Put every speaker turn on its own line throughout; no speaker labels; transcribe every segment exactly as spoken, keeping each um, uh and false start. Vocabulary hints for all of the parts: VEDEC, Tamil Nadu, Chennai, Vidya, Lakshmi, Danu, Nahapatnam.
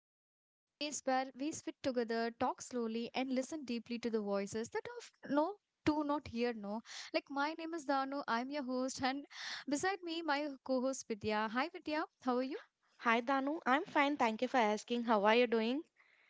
And this is a space where we sit together, talk slowly, and listen deeply to the voices that of no do not hear no. Like my name is Danu. I'm your host, and beside me, my co-host Vidya. Hi, Vidya. How are you?
Hi Danu, I'm fine. Thank you for asking. How are you doing?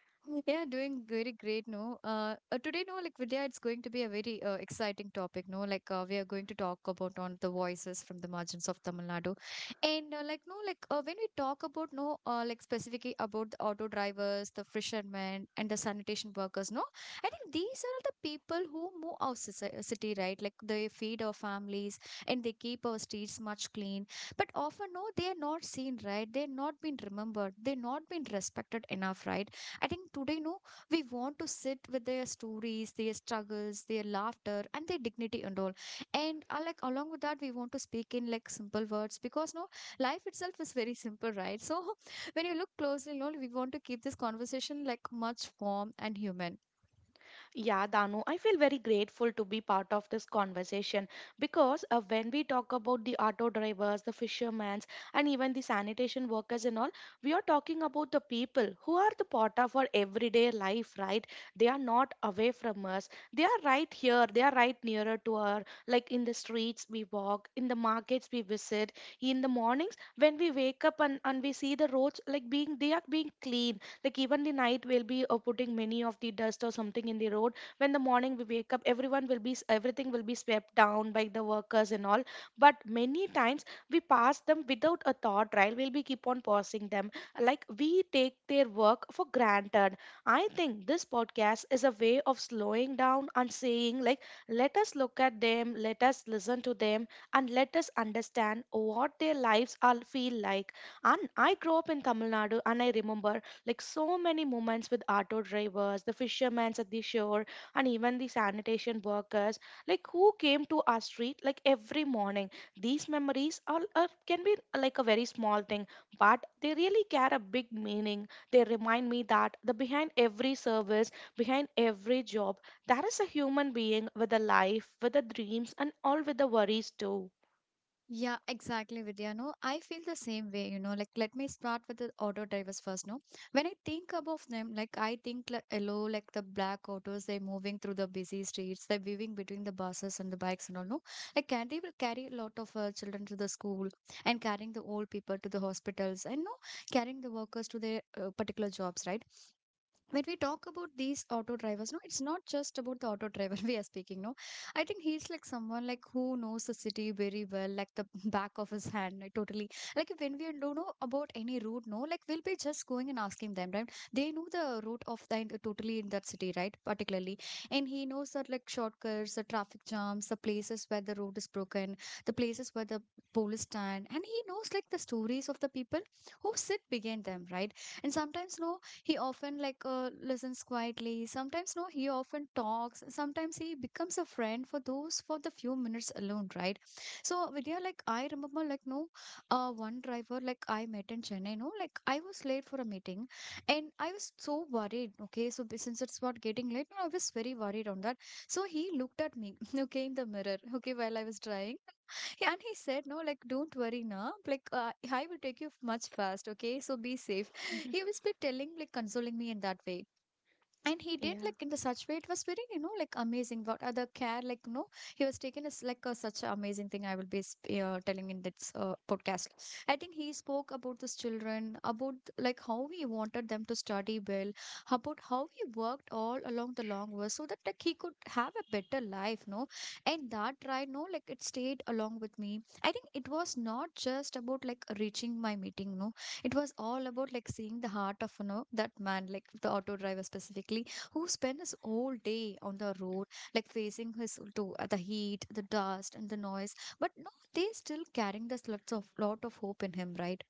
Yeah, doing very great, no. Uh, uh, today, no, like Vidya, it's going to be a very uh, exciting topic, no. Like uh, we are going to talk about on the voices from the margins of Tamil Nadu, and uh, like no, like uh, when we talk about no, uh, like specifically about the auto drivers, the fishermen, and the sanitation workers, no. I think these are the people who move our soci- uh, city, right? Like they feed our families and they keep our streets much clean. But often, no, they are not seen, right? They're not been remembered. They're not been respected enough, right? I think today, no, we want to sit with their stories, their struggles, their laughter, and their dignity and all. And uh, like along with that, we want to speak in like simple words because no, life itself is very simple, right? So when you look closely, no, we want to keep this conversation like much warm and human.
Yeah, Danu, I feel very grateful to be part of this conversation because uh, when we talk about the auto drivers, the fishermen, and even the sanitation workers and all, we are talking about the people who are the part of our everyday life, right? They are not away from us. They are right here. They are right nearer to our, like in the streets we walk, in the markets we visit, in the mornings when we wake up and, and we see the roads like being they are being clean, like even the night will be uh, putting many of the dust or something in the road. When the morning we wake up everyone will be s- everything will be swept down by the workers and all. But many times we pass them without a thought, right? We'll be keep on passing them, like we take their work for granted. I think this podcast is a way of slowing down and saying like, let us look at them, let us listen to them, and let us understand what their lives are feel like. And I grew up in Tamil Nadu and I remember like so many moments with auto drivers, the fishermen at the shore, and even the sanitation workers, like who came to our street like every morning. These memories are, are can be like a very small thing, but they really carry a big meaning. They remind me that the behind every service, behind every job, there is a human being with a life, with the dreams, and all with the worries too.
Yeah, exactly, Vidya. No, I feel the same way, you know. Like, let me start with the auto drivers first, no? When I think about them, like, I think like hello, like the black autos, they're moving through the busy streets, they're weaving between the buses and the bikes and all, no? Like, can they will carry a lot of uh, children to the school and carrying the old people to the hospitals and, no, carrying the workers to their uh, particular jobs, right? When we talk about these auto drivers no, it's not just about the auto driver, we are speaking no. I think he's like someone like who knows the city very well, like the back of his hand, like totally. Like when we don't know about any route no, like we'll be just going and asking them, right? They know the route of the ent- totally in that city, right, particularly. And he knows that like shortcuts, the traffic jams, the places where the road is broken, the places where the police stand. And he knows like the stories of the people who sit behind them, right. And sometimes no, he often like uh, listens quietly. Sometimes no, he often talks. Sometimes he becomes a friend for those for the few minutes alone, right? So Vidya, like I remember like no, uh, one driver like I met in Chennai, no, like I was late for a meeting, and I was so worried. Okay, so b- since it's about getting late, no, I was very worried on that. So he looked at me, okay, in the mirror, okay, while I was driving. Yeah, and he said, no, like, don't worry, na. Like, uh, I will take you much fast, okay? So be safe. He was be telling like consoling me in that way, and he did
Yeah.
like in the such way, it was very you know like amazing what other care, like you know, he was taking us like a, such a amazing thing. I will be sp- uh, telling in this uh, podcast. I think he spoke about these children, about like how he wanted them to study well, about how he worked all along the long way so that like he could have a better life no. And that ride no, like it stayed along with me. I think it was not just about like reaching my meeting no, it was all about like seeing the heart of you know that man, like the auto driver specifically, who spent his whole day on the road, like facing his to uh, the heat, the dust and the noise. But no, they still carrying this lots of lot of hope in him, right?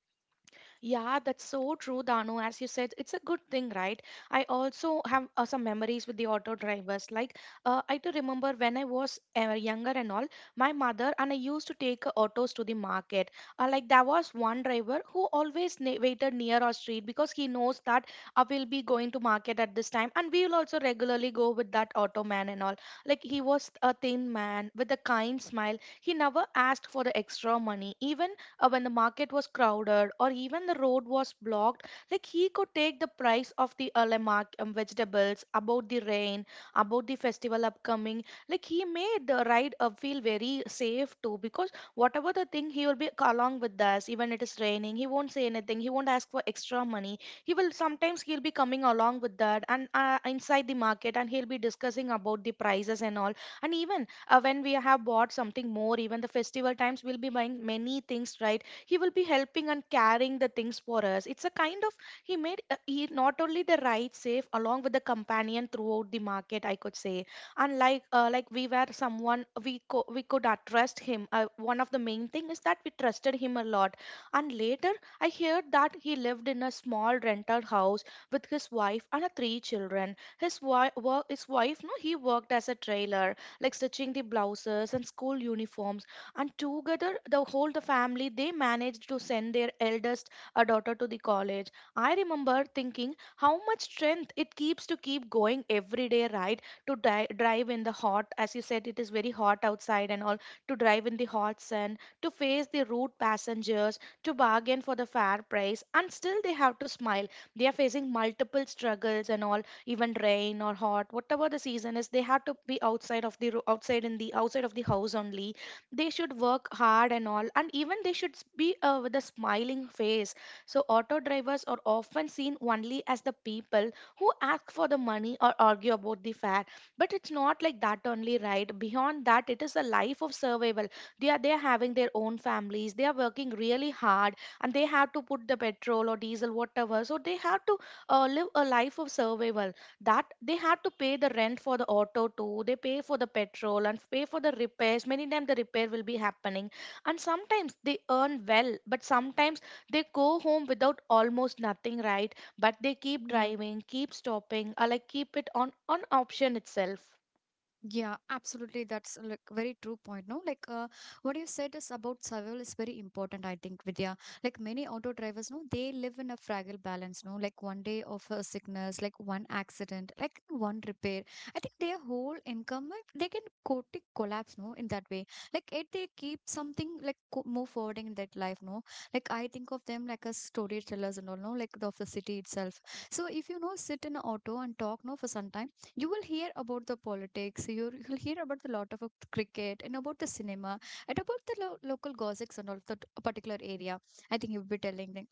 Yeah, that's so true, Danu. As you said, it's a good thing, right? I also have uh, some memories with the auto drivers. Like, uh, I do remember when I was uh, younger and all, my mother and I used to take uh, autos to the market. Uh, like, there was one driver who always ne- waited near our street because he knows that I will be going to market at this time, and we will also regularly go with that auto man and all. Like, he was a thin man with a kind smile. He never asked for the extra money, even uh, when the market was crowded or even the road was blocked. Like, he could take the price of the early mark, um, vegetables, about the rain, about the festival upcoming. Like, he made the ride uh, feel very safe too, because whatever the thing he will be along with us. Even it is raining, he won't say anything, he won't ask for extra money. He will sometimes, he'll be coming along with that, and uh, inside the market and he'll be discussing about the prices and all. And even uh, when we have bought something more, even the festival times we'll be buying many things, right? He will be helping and carrying the things for us. It's a kind of, he made uh, he not only the ride safe along with the companion throughout the market, I could say. Unlike uh, like we were someone, we co- we could uh, trust him. Uh, one of the main thing is that we trusted him a lot. And later I heard that he lived in a small rented house with his wife and uh, three children. His wife his wife no he worked as a trailer, like stitching the blouses and school uniforms. And together, the whole the family they managed to send their eldest uh, daughter to the college. I remember thinking how much strength it keeps to keep going every day, right? To di- drive in the hot, as you said, it is very hot outside and all. To drive in the hot sun, to face the rude passengers, to bargain for the fair price, and still they have to smile. They are facing multiple struggles and all. Even rain or hot, whatever the season is, they have to be outside of the ro- outside in the outside of the house only. They should work hard and all, and even they should s- be uh, with a smiling face. So auto drivers are often seen only as the people who ask for the money or argue about the fare. But it's not like that only, right? Beyond that, it is a life of survival. They are they are having their own families, they are working really hard, and they have to put the petrol or diesel whatever, so they have to uh, live a life of survival. That they have to pay the rent for the auto too, they pay for the petrol and pay for the repairs, many times the repair will be happening. And sometimes they earn well, but sometimes they go home without almost nothing, right? But they keep
Yeah.
driving, keep stopping, or like keep it on on option itself.
Yeah, absolutely. That's like very true point. No, like uh, what you said is about survival is very important. I think Vidya, like many auto drivers, no, they live in a fragile balance. No, like one day of a sickness, like one accident, like one repair. I think their whole income, like, they can totally collapse. No, in that way, like if they keep something like co- move forwarding in that life. No, like I think of them like as story tellers and all. No, like the, of the city itself. So if you know sit in an auto and talk, no, for some time you will hear about the politics, you will hear about the lot of uh, cricket and about the cinema, and about the lo- local gossips and all that particular area. I think you'll be telling them.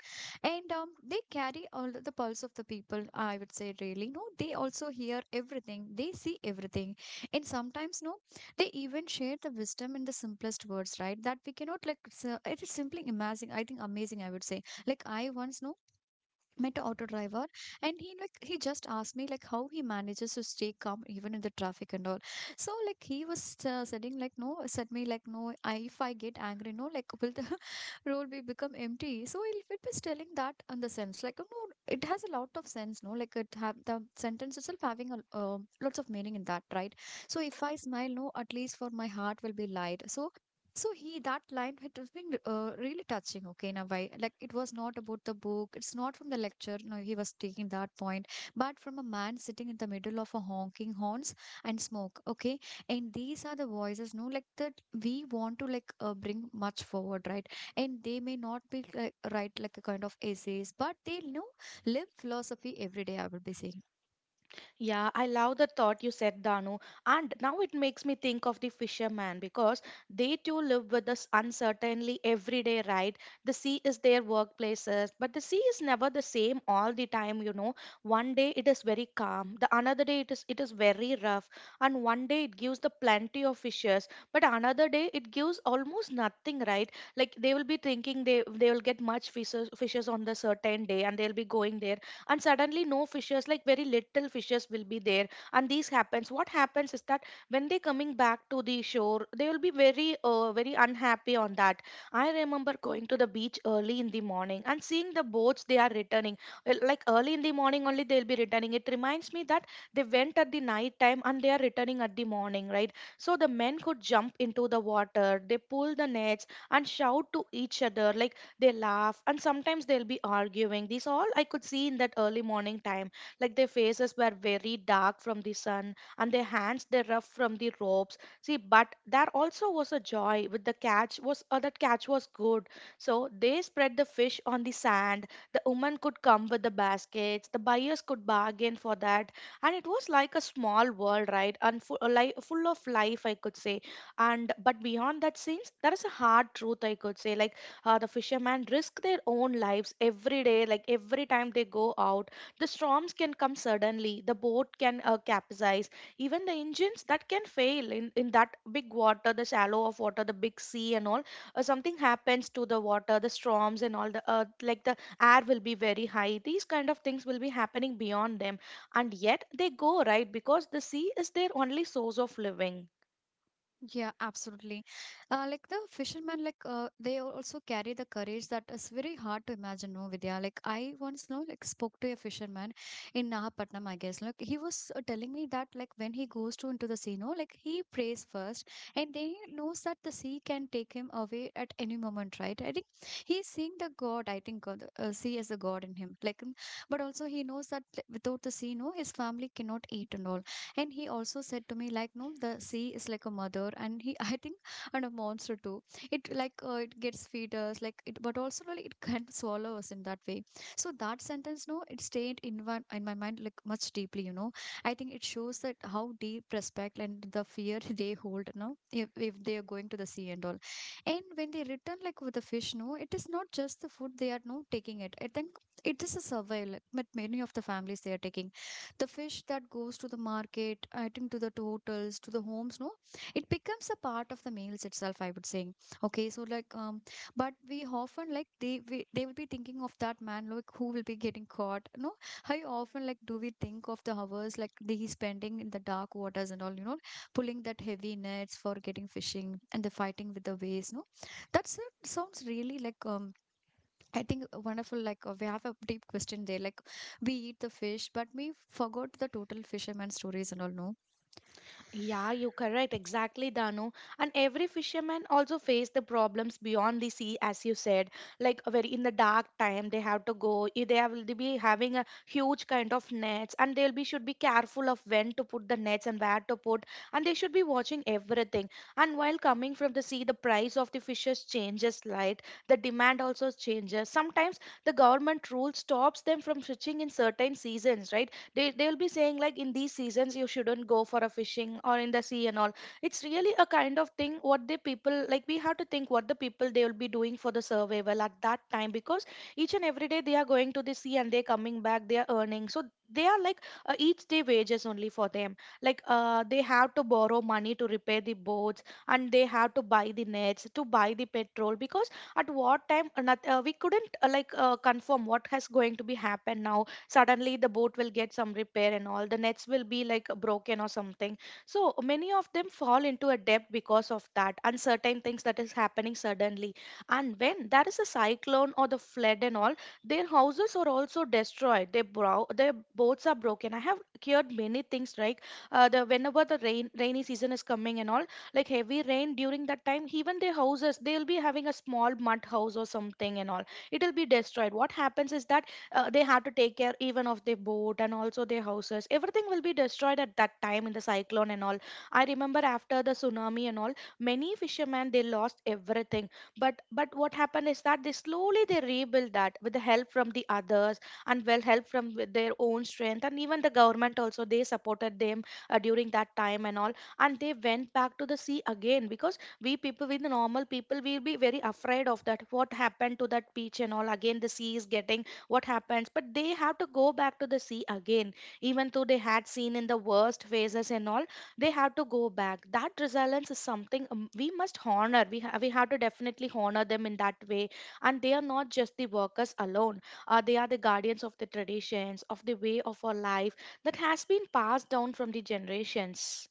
And um, they carry all the pulse of the people, I would say, really no. They also hear everything, they see everything. And sometimes no, they even share the wisdom in the simplest words, right, that we cannot like s- uh, it is simply amazing. I think amazing, I would say. Like I once know met a auto driver, and he like he just asked me like how he manages to stay calm even in the traffic and all. So like he was uh, saying like no, said me like no, I, if I get angry no, like will the road be become empty. So it, it was telling that on the sense like uh, no, it has a lot of sense no, like it have the sentence itself having a, um lots of meaning in that, right? So if I smile no, at least for my heart will be light. So so he that line, it was been uh, really touching. Okay, in a way, like it was not about the book. It's not from the lecture. No, he was taking that point, but from a man sitting in the middle of a honking horns and smoke. Okay, and these are the voices. No, like that we want to like uh, bring much forward, right? And they may not be like write like a kind of essays, but they you know live philosophy every day. I will be saying.
Yeah, I love the thought you said, Danu. And now it makes me think of the fisherman because they too live with this uncertainty every day, right? The sea is their workplaces, but the sea is never the same all the time, you know. One day it is very calm, the another day it is it is very rough, and one day it gives the plenty of fishes, but another day it gives almost nothing, right? Like they will be thinking they they will get much fishes fishes on the certain day and they'll be going there, and suddenly no fishes, like very little fishes will be there. And these happens, what happens is that when they coming back to the shore they will be very uh, very unhappy on that. I remember going to the beach early in the morning and seeing the boats they are returning. Well, like early in the morning only they'll be returning, it reminds me that they went at the night time and they are returning at the morning, right? So the men could jump into the water, they pull the nets and shout to each other like, they laugh and sometimes they'll be arguing, this all I could see in that early morning time. Like their faces were very dark from the sun, and their hands they rough from the ropes see, but there also was a joy with the catch was uh, that catch was good. So they spread the fish on the sand, the woman could come with the baskets, the buyers could bargain for that, and it was like a small world, right? And full, like, full of life, I could say. And but beyond that scenes there is a hard truth, I could say, like uh, the fishermen risk their own lives every day, like every time they go out the storms can come suddenly, the boat can uh, capsize, even the engines that can fail in, in that big water, the shallow of water, the big sea and all. Uh, something happens to the water, the storms and all, the uh, like the air will be very high, these kind of things will be happening beyond them. And yet they go, right? Because the sea is their only source of living.
Yeah, absolutely. Uh, like the fishermen, like uh, they al- also carry the courage that is very hard to imagine. No, Vidya. Like I once, know, like spoke to a fisherman in Nahapatnam, I guess. Like he was uh, telling me that, like when he goes to into the sea, no, like he prays first, and then he knows that the sea can take him away at any moment, right? I think he's seeing the God. I think uh, the uh, sea as a God in him. Like, mm, but also he knows that like, without the sea, no, his family cannot eat and all. And he also said to me like no, the sea is like a mother, and he I think, and a monster too. It like uh, it gets feed us, like it, but also like it can swallow us in that way. So that sentence no, it stayed in one in my mind like much deeply, you know. I think it shows that how deep respect and the fear they hold now, if, if they are going to the sea and all. And when they return like with the fish no, it is not just the food they are no taking it. I think it is a survival like, with many of the families they are taking the fish that goes to the market, I think, to the hotels, to the homes no, it becomes a part of the meals itself, I would say. Okay, so like um but we often like they we, they will be thinking of that man like who will be getting caught no, how often like do we think of the hours like the, he's spending in the dark waters and all, you know, pulling that heavy nets for getting fishing and the fighting with the waves no. That sounds really like um I think a wonderful, like, uh, we have a deep question there. Like, we eat the fish, but we forgot the total fisherman stories and all, no?
Yeah, you're correct. Exactly, Danu. And every fisherman also face the problems beyond the sea, as you said. Like uh, very in the dark time, they have to go. i- They will be having a huge kind of nets, and they'll be should be careful of when to put the nets and where to put. And they should be watching everything. And while coming from the sea, the price of the fishes changes, right? The demand also changes. Sometimes the government rule stops them from fishing in certain seasons, right? they they'll be saying like in these seasons you shouldn't go for a fishing or in the sea and all. It's really a kind of thing. What the people, like, we have to think what the people they will be doing for the survival at that time, because each and every day they are going to the sea and they're coming back, they are earning. So they are like, uh, each day wages only for them. Like, uh, they have to borrow money to repair the boats, and they have to buy the nets, to buy the petrol, because at what time, uh, not, uh, we couldn't, uh, like, uh, confirm what has going to be happen now. Suddenly the boat will get some repair, and all the nets will be like broken or something. So many of them fall into a debt because of that uncertain things that is happening suddenly. And when there is a cyclone or the flood and all, their houses are also destroyed, their brow their boats are broken. I have heard many things like, uh, the whenever the rain rainy season is coming and all, like heavy rain during that time, even their houses, they'll be having a small mud house or something, and all, it'll be destroyed. What happens is that, uh, they had to take care even of their boat, and also their houses. Everything will be destroyed at that time, in the cyclone and all. I remember, after the tsunami and all, many fishermen they lost everything. But but what happened is that, they slowly they rebuild that with the help from the others, and well, help from with their own strength, and even the government also they supported them, uh, during that time and all. And they went back to the sea again, because we people, with the normal people will be very afraid of that. What happened to that beach and all, again the sea is getting, what happens. But they have to go back to the sea again, even though they had seen in the worst phases and all, they have to go back. That resilience is something, um, we must honor, we, ha- we have to definitely honor them in that way. And they are not just the workers alone. Uh, they are the guardians of the traditions, of the way of our life that has been passed down from the generations.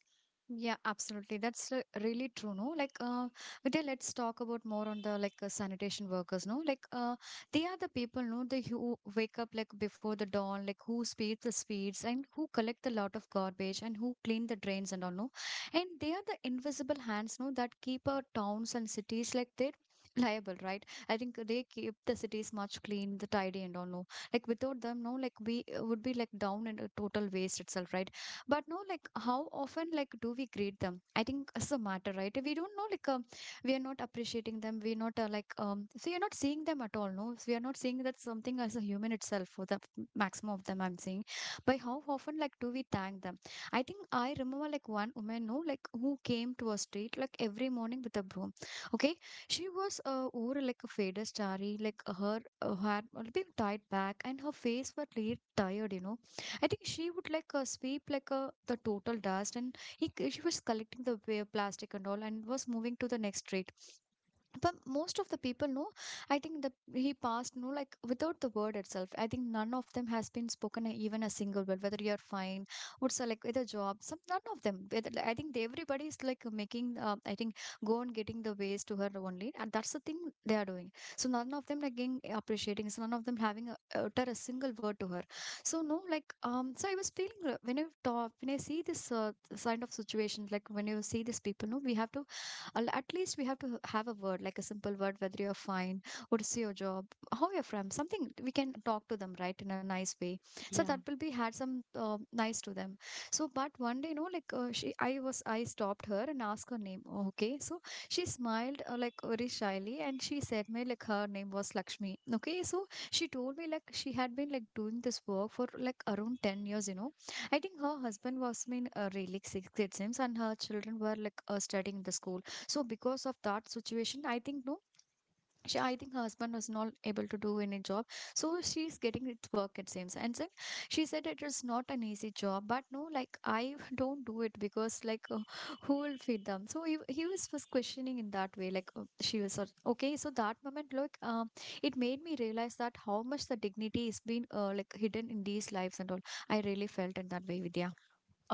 Yeah, absolutely. That's uh, really true, no? Like, uh, Vidya, let's talk about more on the like uh, sanitation workers, no? Like, uh, they are the people, no? They who wake up like before the dawn, like who speeds the speeds and who collect a lot of garbage and who clean the drains and all, no? And they are the invisible hands, no? That keep our towns and cities like they're liable, right? I think they keep the cities much clean, the tidy and all, no? Like without them, no? Like we uh, would be like down in a total waste itself, right? But no, like how often like do we greet them? I think it's a matter, right? We don't know, like um, we are not appreciating them. We're not uh, like um so you're not seeing them at all, no, so we are not seeing that something as a human itself for the maximum of them, I'm saying. By how often like do we thank them? I think I remember like one woman, no, like who came to a street like every morning with a broom. Okay, she was uh, over like a faded starry, like her uh, hair had been tied back and her face was really tired, you know. I think she would like uh, sweep like uh, the total dust, and he c- she was collecting the wa- plastic and all, and was moving to the next street. But most of the people know, I think the He passed, no, like without the word itself. I think none of them has been spoken a- even a single word, whether you're fine or so, like with a job some, none of them whether, I think they, everybody is like making uh, I think go and getting the ways to her only, and that's the thing they are doing. So none of them like getting appreciating, so none of them having a, utter a single word to her. So no, like um so I was feeling uh, when I talk, when I see this uh, kind of situation, like when you see these people, no, we have to Al- at least we have to have a word, like a simple word, whether you're fine, what's your job, how you're from, something we can talk to them, right, in a nice way. So that
Yeah.
will be had some uh, nice to them. So, but one day, you know, like uh, she, I was, I stopped her and asked her name. Okay, so she smiled uh, like very shyly and she said me like her name was Lakshmi. Okay, so she told me like she had been like doing this work for like around ten years. You know, I think her husband was in uh, really sixth grade sims and her children were like uh, studying in the school, so because of that situation, I think, no, she, I think her husband was not able to do any job, so she's getting it work, it seems. And then she said it is not an easy job, but no, like I don't do it because like uh, who will feed them? So he, he was was questioning in that way, like uh, she was sort- okay. So that moment, like um, it made me realize that how much the dignity is being uh, like hidden in these lives and all. I really felt in that way, Vidya.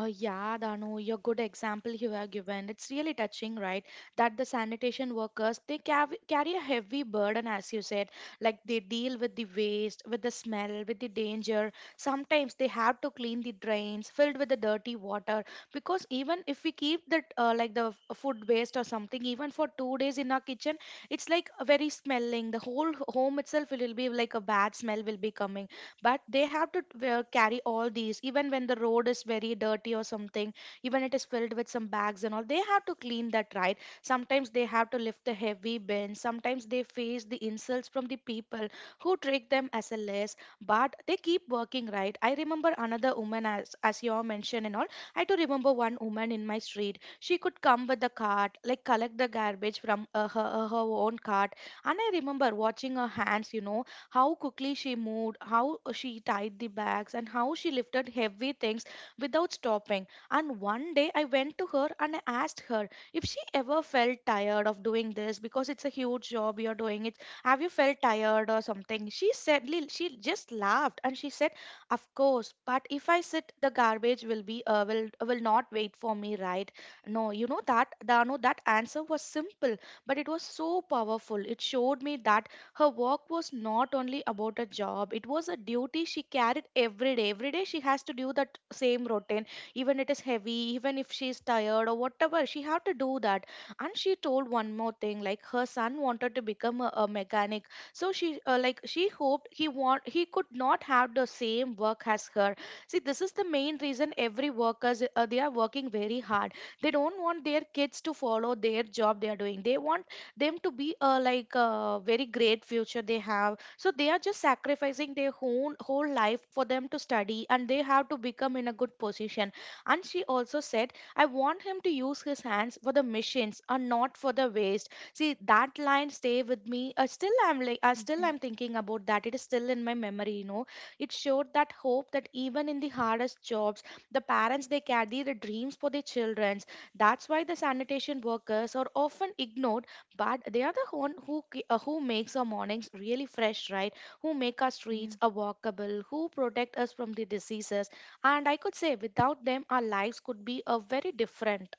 Uh, yeah, Danu, your good example you have given. It's really touching, right? That the sanitation workers, they cav- carry a heavy burden, as you said. Like they deal with the waste, with the smell, with the danger. Sometimes they have to clean the drains filled with the dirty water, because even if we keep the uh, like the f- food waste or something, even for two days in our kitchen, it's like very smelling. The whole h- home itself will be like a bad smell will be coming. But they have to uh, carry all these, even when the road is very dirty or something, even it is filled with some bags and all, they have to clean that, right? Sometimes they have to lift the heavy bins. Sometimes they face the insults from the people who treat them as a less. But they keep working, right? I remember another woman, as as you all mentioned and all. I do remember one woman in my street, she could come with a cart, like collect the garbage from, uh, her, her her own cart. And I remember watching her hands, you know, how quickly she moved, how she tied the bags, and how she lifted heavy things without stopping. And one day I went to her and I asked her if she ever felt tired of doing this, because it's a huge job you're doing it. Have you felt tired or something? She said, li- she just laughed and she said, of course, but if I sit, the garbage will be, uh, will, will not wait for me, right? No, you know that, Dano, that answer was simple, but it was so powerful. It showed me that her work was not only about a job, it was a duty she carried every day. Every day she has to do that same routine, even it is heavy, even if she is tired or whatever, she had to do that. And she told one more thing, like her son wanted to become a, a mechanic. So she, uh, like she hoped, he want he could not have the same work as her. See, this is the main reason every workers, uh, they are working very hard. They don't want their kids to follow their job they are doing. They want them to be a like a very great future they have, so they are just sacrificing their whole whole life for them to study, and they have to become in a good position. And she also said, I want him to use his hands for the missions and not for the waste. See, that line stay with me, uh, still I'm like, uh,
Okay.
still I'm thinking about that. It is still in my memory, you know. It showed that hope, that even in the hardest jobs, the parents they carry the dreams for their children. That's why the sanitation workers are often ignored, but they are the one who ki- uh, who makes our mornings really fresh, right? Who make our streets a
Yeah.
walkable, who protect us from the diseases. And I could say without them, our lives could be a very different.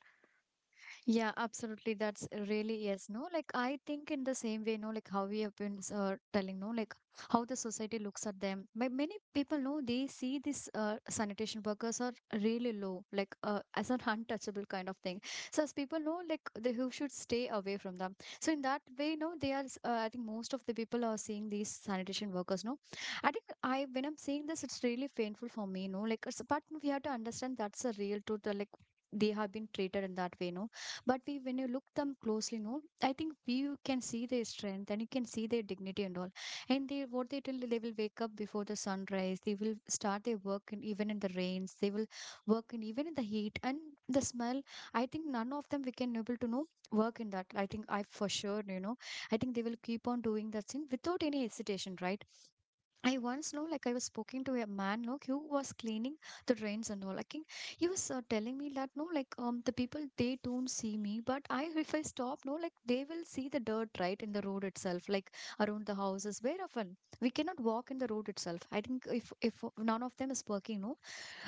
Yeah, absolutely. That's really yes, no. Like I think in the same way, no, like how we have been uh, telling, no, like how the society looks at them. Ma- Many people know they see these uh, sanitation workers are really low, like uh, as an untouchable kind of thing. So as people know, like they who should stay away from them. So in that way, no, they are. s- Uh, I think most of the people are seeing these sanitation workers, no. I think I when I'm seeing this, it's really painful for me, no. Like, it's, but we have to understand that's a real truth. uh, Like they have been treated in that way, no, but we, when you look them closely, no, I think we you can see their strength and you can see their dignity and all. And they, what they tell, they will wake up before the sunrise. They will start their work in, even in the rains. They will work in even in the heat and the smell. I think none of them we can able to know work in that. I think I for sure, you know, I think they will keep on doing that thing without any hesitation, right? I once know, like I was speaking to a man, no, who was cleaning the drains and all. Like he he was uh, telling me that no, like um the people they don't see me, but I if I stop, no, like they will see the dirt right in the road itself, like around the houses. Where often we cannot walk in the road itself. I think if if none of them is working, no,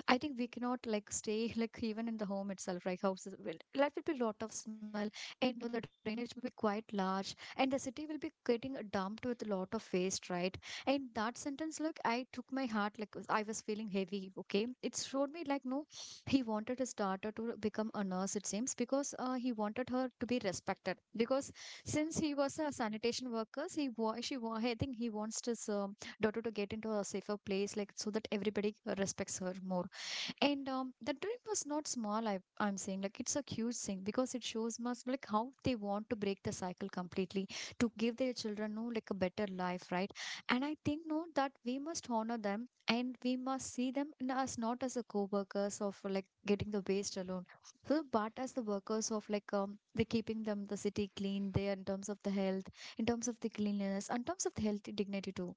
I think we cannot like stay like even in the home itself, right? Houses will that will be lot of smell, and you know, the drainage will be quite large and the city will be getting dumped with a lot of waste, right? And that sentence, look, I took my heart, like I was feeling heavy. Okay, it showed me like no, he wanted his daughter to become a nurse. It seems because uh, he wanted her to be respected. Because since he was a sanitation worker, he wa- she wa- I think he wants his um daughter to get into a safer place, like so that everybody uh, respects her more. And um, the dream was not small. I I'm saying like it's a huge thing because it shows us like how they want to break the cycle completely to give their children, no, like a better life, right? And I think no that we must honor them and we must see them n- as not as a co-workers of like getting the waste alone, so but as the workers of like um they keeping them the city clean there in terms of the health, in terms of the cleanliness, in terms of the healthy dignity too.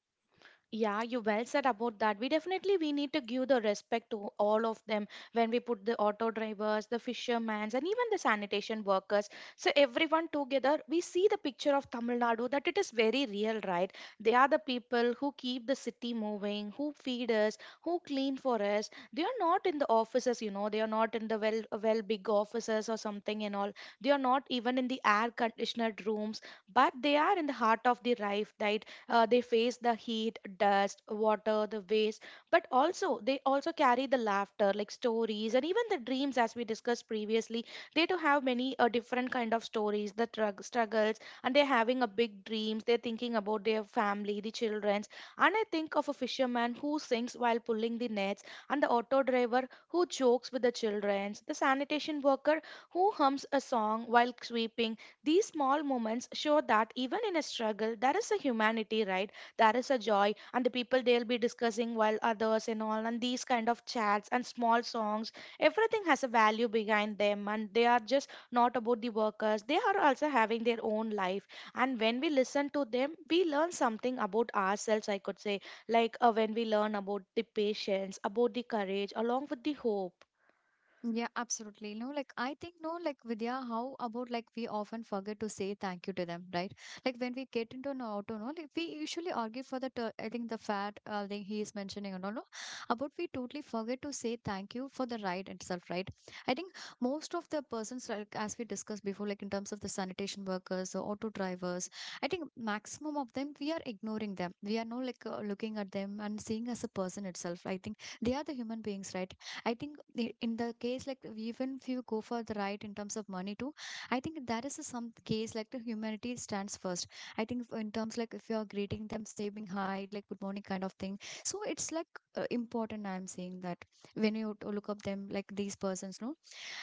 Yeah, you well said about that. We definitely we need to give the respect to all of them, when we put the auto drivers, the fishermen, and even the sanitation workers. So everyone together, we see the picture of Tamil Nadu, that it is very real, right? They are the people who keep the city moving, who feed us, who clean for us. They are not in the offices, you know. They are not in the well, well big offices or something and all. They are not even in the air conditioned rooms, but they are in the heart of the life, right? Uh, they face the heat, dust, water, the waste. But also they also carry the laughter, like stories and even the dreams, as we discussed previously. They do have many, uh, different kind of stories, the trug struggles. And they're having a big dreams, they're thinking about their family, the childrens. And I think of a fisherman who sings while pulling the nets, and the auto driver who jokes with the childrens, the sanitation worker who hums a song while sweeping. These small moments show that even in a struggle, there is a humanity, right? There is a joy, and the people they'll be discussing while others and all, and these kind of chats and small songs, everything has a value behind them. And they are just not about the workers. They are also having their own life, and when we listen to them, we learn something about ourselves. I could say, like, uh, when we learn about the patience, about the courage, along with the hope.
Yeah, absolutely. No, like I think no, like Vidya, how about like we often forget to say thank you to them, right? Like when we get into an auto, no, like we usually argue for the ter- I think the fat uh, thing he is mentioning and all, no, about we totally forget to say thank you for the ride itself, right? I think most of the persons like as we discussed before, like in terms of the sanitation workers or auto drivers, I think maximum of them we are ignoring them. We are no like uh, looking at them and seeing as a person itself. I think they are the human beings, right? I think i- in the case like even if you go for the right in terms of money too, I think that is a some case like the humanity stands first. I think f- in terms like if you are greeting them, saying hi, like good morning kind of thing. So it's like uh, important. I'm saying that when you t- look up them like these persons, no,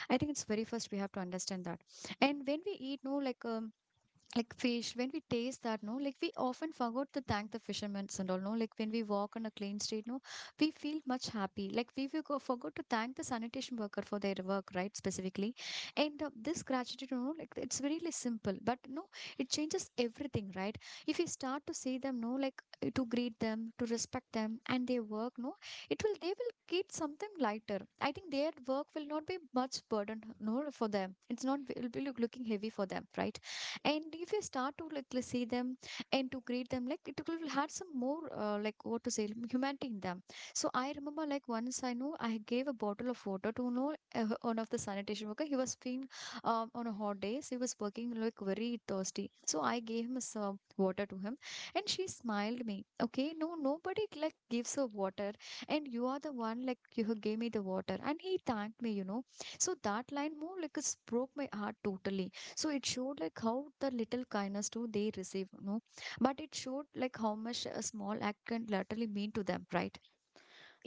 I think it's very first we have to understand that. And when we eat, no, like um, like fish when we taste that, no, like we often forgot to thank the fishermen and all, no, like when we walk on a clean street, no, we feel much happy, like we will go forgot to thank the sanitation worker for their work, right, specifically. And uh, this gratitude, you know, like it's very really simple, but no, it changes everything, right? If you start to see them, no, like uh, to greet them, to respect them and their work, no, it will they will get something lighter. I think their work will not be much burden, no, for them it's not, it will be look- looking heavy for them, right? And if you start to like let's see them and to greet them, like it will have some more uh, like what to say humanity in them. So I remember like once I know I gave a bottle of water to know uh, one of the sanitation worker. He was feeling um, on a hot day, so he was working like very thirsty, so I gave him some water to him. And she smiled me, okay, no nobody like gives her water, and you are the one like you who gave me the water, and he thanked me, you know. So that line more like it's broke my heart totally. So it showed like how the little kindness too they receive, no, but it showed like how much a small act can literally mean to them, right?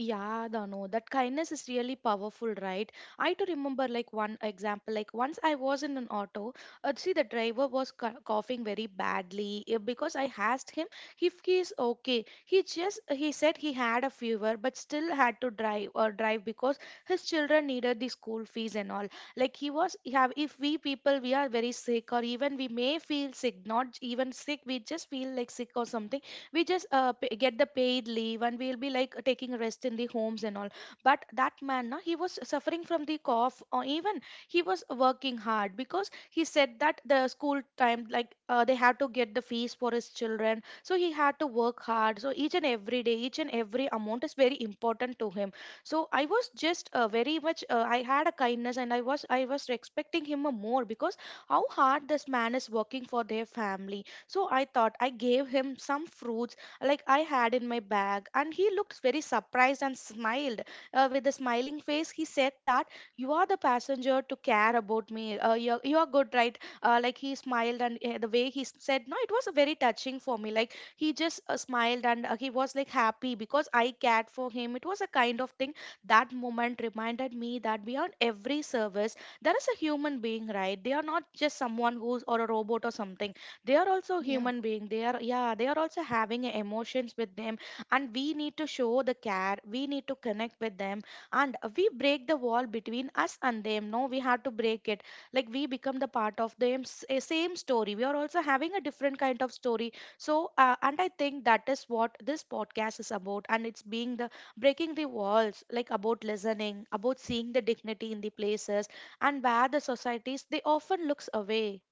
Yeah, Dano, that kindness is really powerful, right? I to remember, like one example, like once I was in an auto. Uh, see, the driver was cou- coughing very badly, uh, because I asked him if he is okay. He just he said he had a fever but still had to drive or drive, because his children needed the school fees and all. Like he was, he have if we people, we are very sick or even we may feel sick, not even sick, we just feel like sick or something, we just, uh, p- get the paid leave, and we'll be like taking rest in the homes and all. But that man, na, he was suffering from the cough, or even he was working hard, because he said that the school time, like, uh, they had to get the fees for his children, so he had to work hard. So each and every day, each and every amount is very important to him. So I was just, uh, very much, uh, I had a kindness, and i was i was respecting him more, because how hard this man is working for their family. So I thought I gave him some fruits like I had in my bag, and he looked very surprised and smiled. Uh, with a smiling face, he said that you are the passenger to care about me. Uh, you're, you're good, right? Uh, like he smiled, and, uh, the way he s- said, no, it was a very touching for me. Like he just, uh, smiled, and, uh, he was like happy because I cared for him. It was a kind of thing. That moment reminded me that beyond every service, there is a human being, right? They are not just someone who's, or a robot or something. They are also
Yeah.
human being. They are, yeah, they are also having emotions with them. And we need to show the care, we need to connect with them, and we break the wall between us and them. No, we have to break it. Like we become the part of them, s- eh, same story. We are also having a different kind of story. So, uh, and I think that is what this podcast is about, and it's being the breaking the walls, like about listening, about seeing the dignity in the places, and where the societies they often looks away.